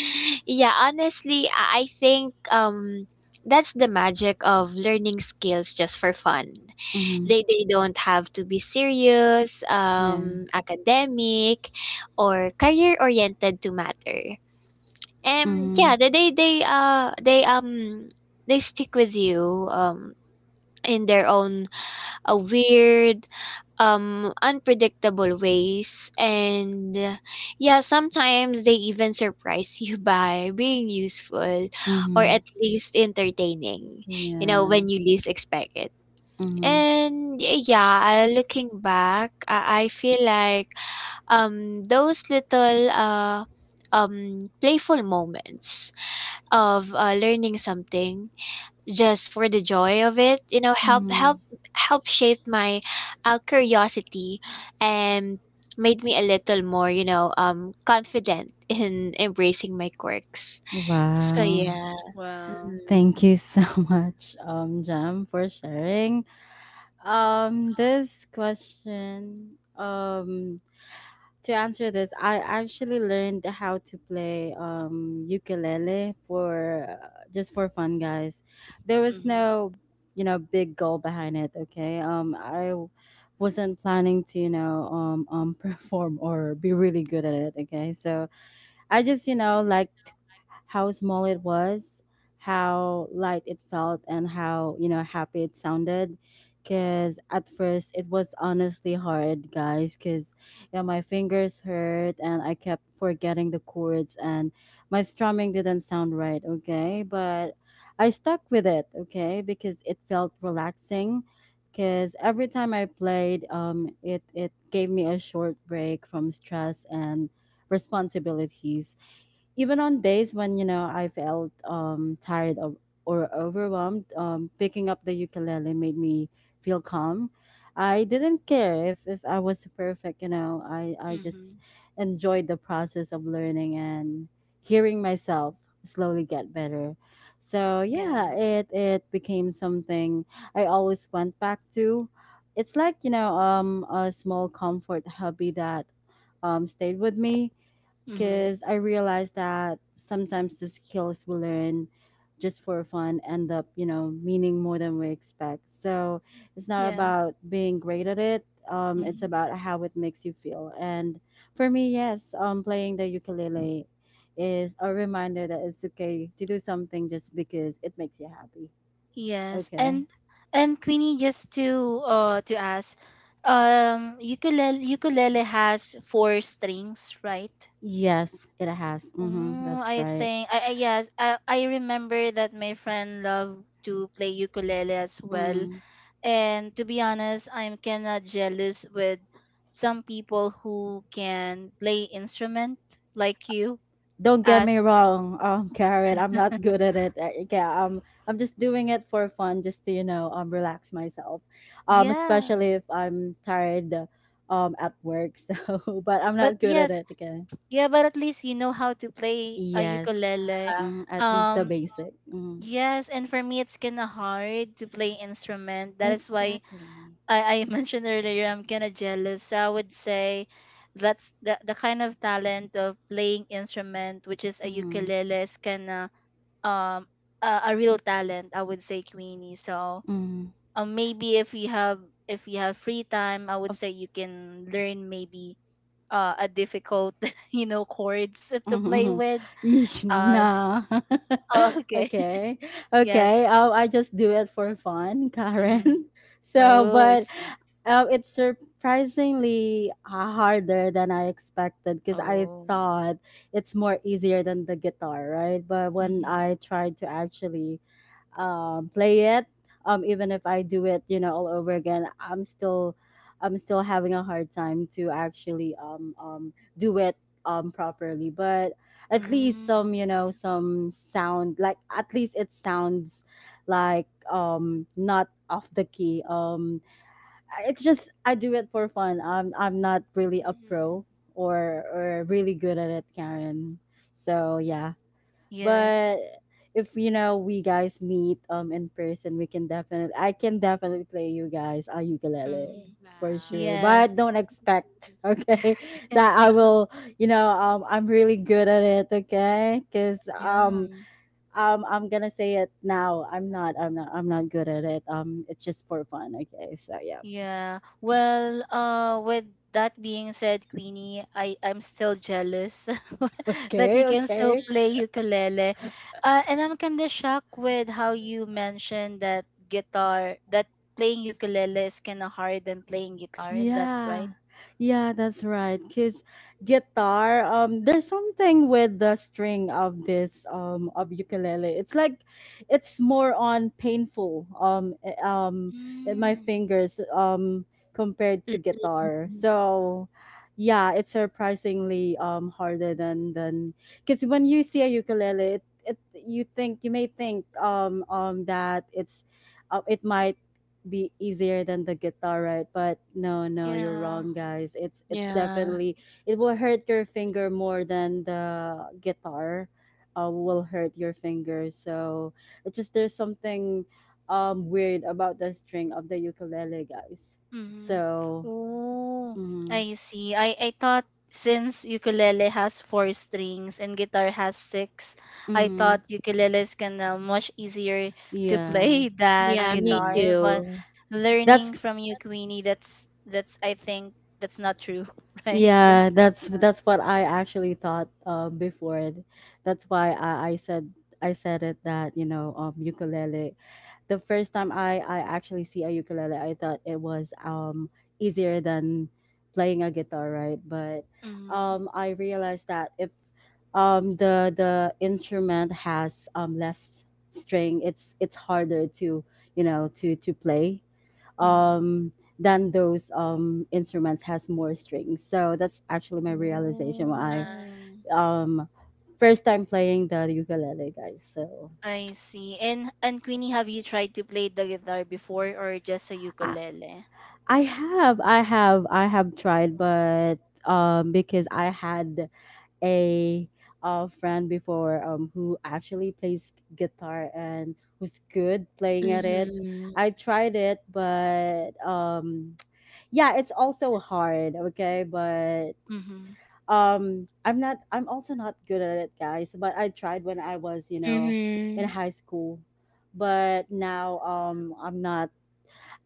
S3: yeah, honestly, I think that's the magic of learning skills just for fun.
S2: Mhm.
S3: They don't have to be serious,
S2: Yeah.
S3: academic, or career oriented to matter. And yeah,
S2: Mhm.
S3: they stick with you, in their own a weird, unpredictable ways. And yeah, sometimes they even surprise you by being useful or
S2: Mhm.
S3: at least entertaining, you know,
S2: Yeah.
S3: when you least expect it.
S2: Mhm.
S3: And yeah, looking back, I feel like those little playful moments of, learning something just for the joy of it, you know, help
S2: Mhm.
S3: help help shape my, curiosity, and made me a little more, you know, confident in embracing my quirks. So
S2: Wow.
S3: yeah.
S1: Wow.
S3: Mm-hmm.
S2: Thank you so much, Jam, for sharing. This question, to answer this, I actually learned how to play ukulele for, just for fun, guys. There was
S1: Mhm.
S3: Hmm.
S2: no, big goal behind it. Okay, I wasn't planning to, perform or be really good at it. Okay, so I just liked how small it was, how light it felt, and how happy it sounded. Because at first it was honestly hard, guys, because, my fingers hurt and I kept forgetting the chords, and my strumming didn't sound right, okay? But I stuck with it, okay? Because it felt relaxing. Because every time I played, it gave me a short break from stress and responsibilities. Even on days when, I felt, tired of, or overwhelmed, picking up the ukulele made me feel calm. I didn't care if, I was perfect. I just
S1: Mhm.
S2: enjoyed the process of learning and hearing myself slowly get better. So
S1: Yeah.
S2: yeah, it became something I always went back to. It's like, a small comfort hobby that, stayed with me,
S1: Mhm.
S2: because I realized that sometimes the skills we learn just for fun end up, meaning more than we expect. So it's not
S1: Yeah.
S2: about being great at it. It's
S1: Mhm.
S2: about how it makes you feel. And for me, yes, playing the ukulele is a reminder that it's okay to do something just because it makes you happy.
S1: Yes.
S2: Okay.
S1: And Queenie, just to ask, ukulele has four strings, right?
S2: Yes, it has. Mm-hmm,
S1: Mm,
S2: that's
S1: I
S2: right.
S1: think I yes I remember that my friend loved to play ukulele as well.
S2: Mm.
S1: And to be honest, I'm kinda jealous with some people who can play instrument like you
S2: Don't get me
S1: as,
S2: wrong, Karen, I'm not good at it. Yeah, I'm just doing it for fun, just to, you know, relax myself,
S1: yeah.
S2: especially if I'm tired, at work. So, but I'm
S1: But
S2: not good at
S1: yes,
S2: it. Okay.
S1: yeah, but at least you know how to play a
S2: Yes,
S1: ukulele.
S3: Yeah.
S2: at least the
S1: Um
S2: basic. Mm,
S1: yes, and for me it's kinda hard to play instrument. That is why
S2: exactly.
S1: I mentioned earlier I'm kinda jealous. So I would say that's the kind of talent of playing instrument which is a
S2: Mm,
S1: ukulele is kinda um a real talent, I would say, Queenie. So
S2: mm.
S1: maybe if you have free time, I would
S2: Of.
S1: say you can learn maybe a difficult you know chords to play
S2: Mhm.
S1: with.
S2: Yeesh,
S1: uh
S2: nah.
S1: oh, okay.
S2: Okay.
S1: Yes.
S2: Okay. I just do it for fun,
S1: Mm.
S2: Karen. So,
S1: Oh, I
S2: but
S1: see.
S2: it's surprisingly, harder than I expected, because I
S1: Oh.
S2: thought it's more easier than the guitar, right? But when
S1: Mm-hmm.
S2: I tried to actually, play it, even if I do it, all over again, I'm still having a hard time to actually, do it, properly. But at least
S1: Mm, I
S2: some,
S1: see.
S2: some sound, like, at least it sounds like, not off the key. It's just I do it for fun. I'm not really a pro,
S3: Hmm.
S2: or really good at it, Karen. So yeah,
S1: Yes.
S2: but if, we guys meet in person, we can definitely— I can definitely play you guys a ukulele
S1: Mm.
S2: for sure.
S3: Wow.
S1: Yes.
S2: But don't expect, okay, that I will. You know, I'm really good at it, okay? Cause,
S1: Yeah.
S2: I'm gonna say it now. I'm not. I'm not. I'm not good at it. It's just for fun, okay? So yeah.
S1: Yeah. Well, with that being said, Queenie, I I'm still jealous that you
S2: Okay.
S1: can
S3: Mhm.
S1: still
S2: Okay.
S1: play ukulele. And I'm kind of shocked with how you
S3: Great.
S1: mentioned that guitar, that playing ukulele is kind of hard than playing guitar. Is that right?
S2: Yeah. Yeah, that's right. Cause guitar, there's something with the string of this, of ukulele. It's like it's more on painful, in my
S1: Mm,
S2: fingers, compared to guitar.
S3: Mhm.
S2: So yeah, it's surprisingly, harder than, because when you see a ukulele, it you think— you may think, that it's, it might be easier than the guitar, right? But no, no, you're
S1: yeah.
S2: wrong,
S3: Mm.
S2: guys. It's
S3: Yeah.
S2: definitely— it will hurt your finger more than the guitar, will hurt your finger. So it's just there's something, weird about the string of the ukulele, guys.
S1: Mm-hmm.
S2: So
S1: Oh,
S2: mm-hmm,
S1: I see. I thought since ukulele has four strings and guitar has six, I
S2: mm-hmm,
S1: thought ukulele is gonna much easier to
S2: yeah,
S1: play than
S2: I
S3: Yeah, me
S2: know.
S1: guitar. But
S3: too.
S2: That's—
S1: learning from you, Queenie, that's I think that's not true, right?
S2: yeah, that's what I actually thought, before. That's why I said it that, ukulele. The first time I actually see a ukulele, I thought it was, easier than playing a guitar, right? But
S1: Mm-hmm.
S2: um I realized that if the instrument has less string, it's harder to to play
S1: Mm-hmm.
S2: um, than those instruments has more strings. So that's actually my realization when I
S3: Uh,
S1: Oh,
S2: um, first time playing the ukulele, guys. So
S1: I see. And Queenie, have you tried to play the guitar before or just a
S2: I,
S1: ukulele?
S2: I have tried,
S3: wow.
S2: but because I had a a friend before, who actually plays guitar and who's good playing at it.
S3: Hmm.
S2: I tried it, but yeah, it's also hard. Okay, but
S1: Mm-hmm.
S2: I'm also not good at it, guys, but I tried when I was, you know, in
S3: Mhm.
S2: high school. But now I'm not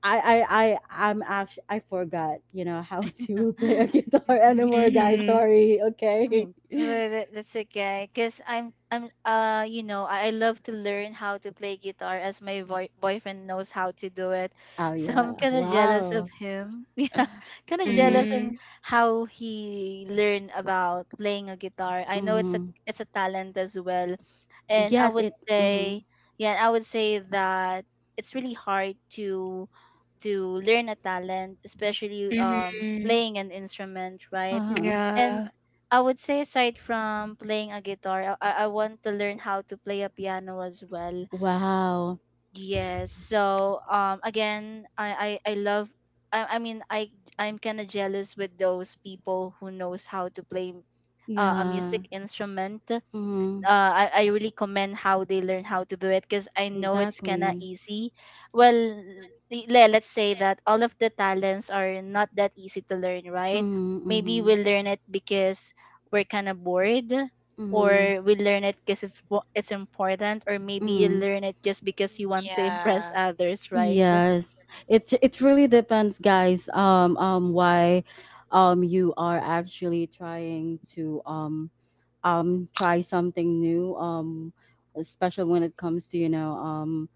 S2: I I I'm actually, I forgot how to play a guitar anymore, guys.
S3: Mhm.
S2: Sorry. Okay.
S1: Mm. Well, that, that's okay. Cause I'm you know I love to learn how to play guitar as my boyfriend knows how to do it,
S2: Oh,
S1: so I'm
S2: yeah.
S1: kind of jealous of
S2: Well.
S1: him. Yeah, kind of
S2: Mm-hmm,
S1: jealous in
S3: Mhm.
S1: how he learned about playing a guitar. I know
S2: mm-hmm.
S1: it's a talent as well, and I
S2: Yes,
S1: would
S2: it. Mm-hmm.
S1: say yeah I would say that it's really hard to learn a talent, especially
S3: Mhm.
S1: playing an instrument, right?
S2: Uh-huh.
S1: And
S3: Yeah.
S1: I would say, aside from playing a guitar, I want to learn how to play a piano as well.
S2: Wow.
S1: Yes. So again, I love. I, I mean, I I'm kind of jealous with those people who knows how to play a
S2: Yeah.
S1: music instrument.
S2: Mm-hmm.
S1: I really commend how they learn how to do it because I know it's kind of
S2: Exactly.
S1: easy. Well, let's say that all of the talents are not that easy to learn, right?
S2: Mm-hmm, mm-hmm,
S1: Maybe we learn it because we're kind of bored,
S2: mm-hmm,
S1: or we learn it because it's important, or maybe you
S2: mm-hmm.
S1: learn it just because you
S3: Mm,
S1: want to impress
S3: yeah.
S1: others, right?
S2: Yes, it really depends, guys. Why, you are actually trying to try something new. Especially when it comes to, you know um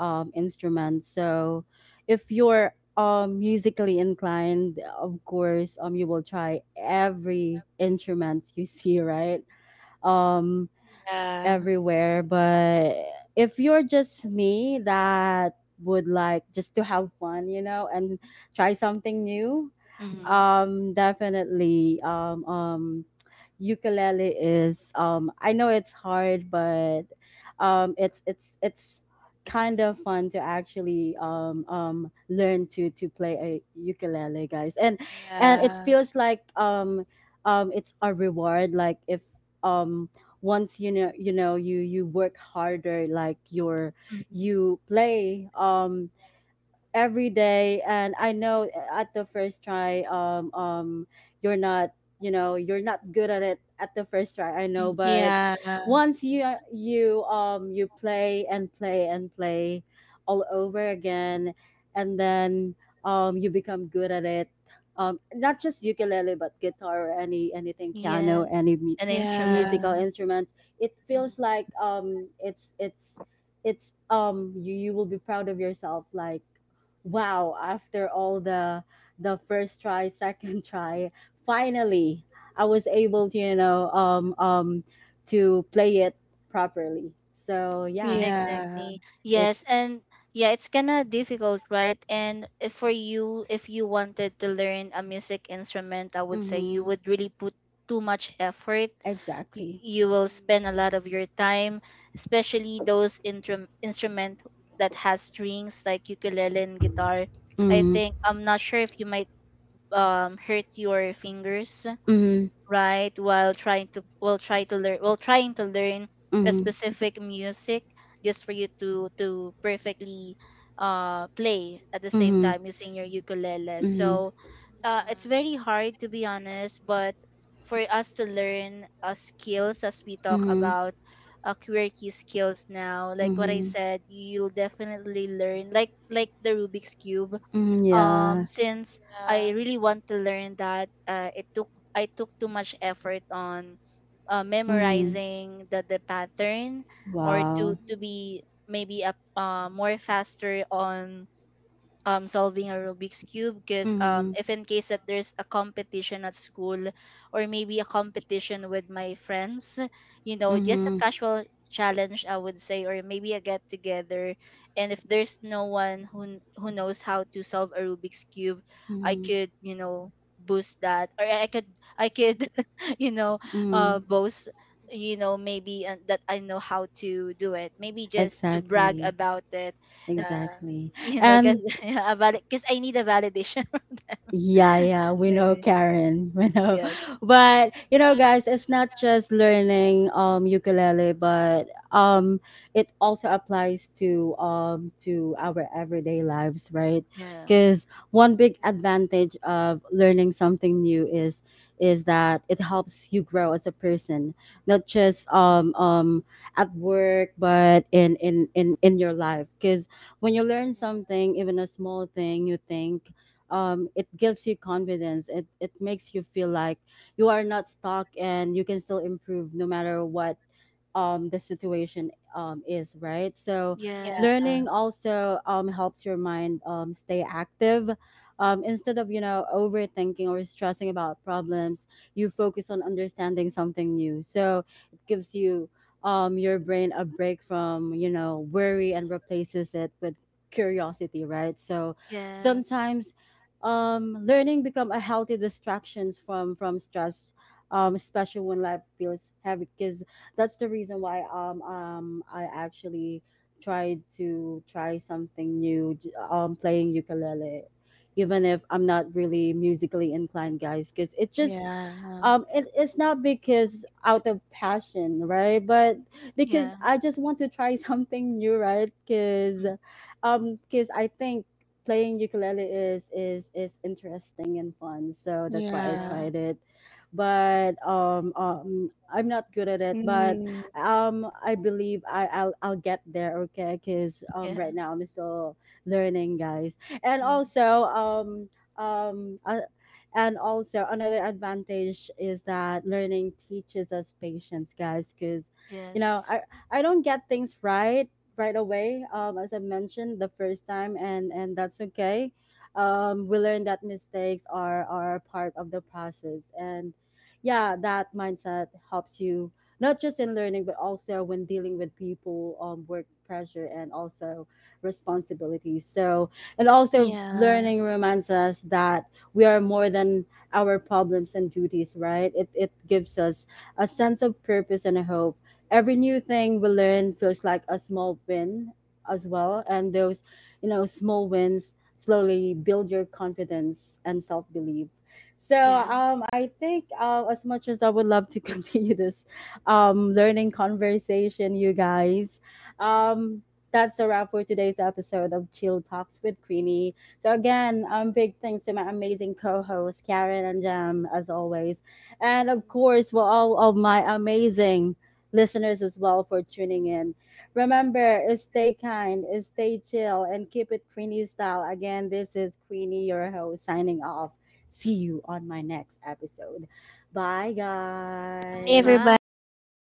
S2: um instruments. So, if you're musically inclined, of course, you will try every instruments you see, right? Um,
S3: Yeah.
S2: Everywhere. But if you're just me that would like just to have fun, you know, and try something new,
S1: Mm-hmm.
S3: Mhm.
S2: definitely, ukulele is, I know it's hard, but it's kind of fun to actually learn to play a ukulele, guys. And it
S3: Yeah.
S2: feels like it's a reward, like if, um once you know, you know, you work harder, like you're
S1: Mm-hmm.
S2: you play every day. And I know, at the first try, you're not, you know, you're not good at it at the first try, I know, but
S3: Yeah.
S2: once you, you you play and play and play all over again, and then you become good at it, not just ukulele, but guitar or any anything, piano,
S1: Yes, and instruments.
S2: musical
S3: Yeah.
S2: instruments. It
S1: Mm-hmm.
S2: feels like it's you you will be proud of yourself, like, wow, after all the first try, second try, finally I was able to, you know, to play it properly. So yeah,
S3: Yeah.
S1: Exactly. Yes,
S2: it's.
S1: and yeah, it's kind of difficult, right? And if for you, if you wanted to learn a music instrument, I would say you
S2: Mm-hmm,
S1: would really put too much effort. Y-
S2: exactly.
S1: You will
S3: Mhm.
S1: spend a lot of your time, especially those instrument that has strings like ukulele and guitar. I
S2: Mm-hmm,
S1: think I'm not sure if you might hurt your fingers,
S2: mm-hmm,
S1: right, while trying to, while trying to learn a
S2: mm-hmm,
S1: specific music just for you to perfectly play at the same
S2: mm-hmm,
S1: time using your ukulele. So it's
S3: Yeah.
S1: very hard, to be honest. But for us to learn skills as we talk
S2: mm-hmm, mm-hmm,
S1: about quirky skills now, like what I
S2: mm-hmm,
S1: said, you'll definitely learn like the Rubik's cube.
S2: mm-hmm. Yeah.
S1: Since
S3: Yeah.
S1: I really want to learn that, it took I took too much effort on
S2: Mm-hmm,
S1: memorizing the pattern, or to
S2: wow.
S3: Mhm.
S1: be maybe a more faster on solving a Rubik's cube, because
S2: Mm-hmm,
S1: if in case that there's a competition at school or maybe a competition with my friends, you know, just a
S2: mm-hmm,
S1: casual challenge, I would say, or maybe a get together, and if there's no one who who knows how to solve a Rubik's cube, I
S2: mm-hmm,
S1: could, you know, boost that, or I could, I could you know,
S2: mm-hmm,
S1: boast, you know,
S3: Mhm.
S1: maybe that I know how to do it, maybe just to brag
S2: exactly,
S1: about it,
S3: Yeah.
S2: exactly.
S1: you know,
S2: And
S1: because yeah, a valid because I need a validation from
S2: yeah,
S1: them.
S2: yeah, we know,
S1: Maybe.
S2: Karen, we know.
S1: Yes.
S2: But you know, guys, it's not just learning ukulele, but it also applies to our everyday lives, right?
S1: Yeah.
S2: Because one big advantage of learning something new is that it helps you grow as a person, not just
S1: Mhm.
S2: at work, but in your life. Because when you
S3: Yeah.
S2: learn
S3: Yeah.
S2: something, even a small thing, you think, it gives you confidence. It makes you feel like you are not stuck and you can still improve no matter what the situation, is right. So
S3: Yeah.
S1: Yes.
S2: learning also, helps your mind, stay active, instead of, you know, overthinking or stressing about problems. You focus on understanding something new. So it gives you, your brain a break from, you know, worry, and replaces it with curiosity, right? So
S1: Yes.
S2: sometimes, learning become a healthy distractions from stress, especially when life feels heavy. Because that's the reason why, I actually tried to try something new, playing ukulele, even if I'm not
S3: Mhm.
S2: really musically inclined, guys, because it just,
S3: Yeah.
S2: it, it's not because out of passion, right, but because
S1: Yeah.
S2: I just want to try something new, right? Because
S1: Mm.
S2: because I think playing ukulele is interesting and fun, so that's why I
S3: Yeah.
S1: Yeah.
S2: tried it. But I'm not good at it, but
S3: Mm,
S2: I believe I I'll get there, okay, because
S1: Yeah.
S2: right now I'm still learning, guys. And
S1: Mm.
S2: also um uh, and also another advantage is that learning teaches us patience, guys, because, you know,
S1: Yes.
S2: I don't get things right right away, as I mentioned the first time. And that's okay. We learn that mistakes are part of the process. And yeah, that mindset helps you, not just in learning but also when dealing with people, work pressure, and also responsibilities. So, and also
S3: yeah.
S2: learning reminds us that we are more than our problems and duties, right? It gives us a sense of purpose and a hope. Every new thing we learn feels like a small win as well. And those, you know, small wins slowly build your confidence and self belief. So
S1: Yeah.
S2: I think, as much as I would love to continue this learning conversation, you guys, um, that's a wrap for today's episode of Chill Talks with Queenie. So again, big thanks to my amazing co-hosts Karen and Jam, as always, and of course
S3: Mm.
S2: for all of my amazing listeners as well for tuning in. Remember, stay kind, stay chill, and keep it Queenie style. Again, this is Queenie, your host, signing off. See you on my next episode. Bye,
S3: Bye. Hi,
S2: guys.
S1: Bye.
S3: everybody.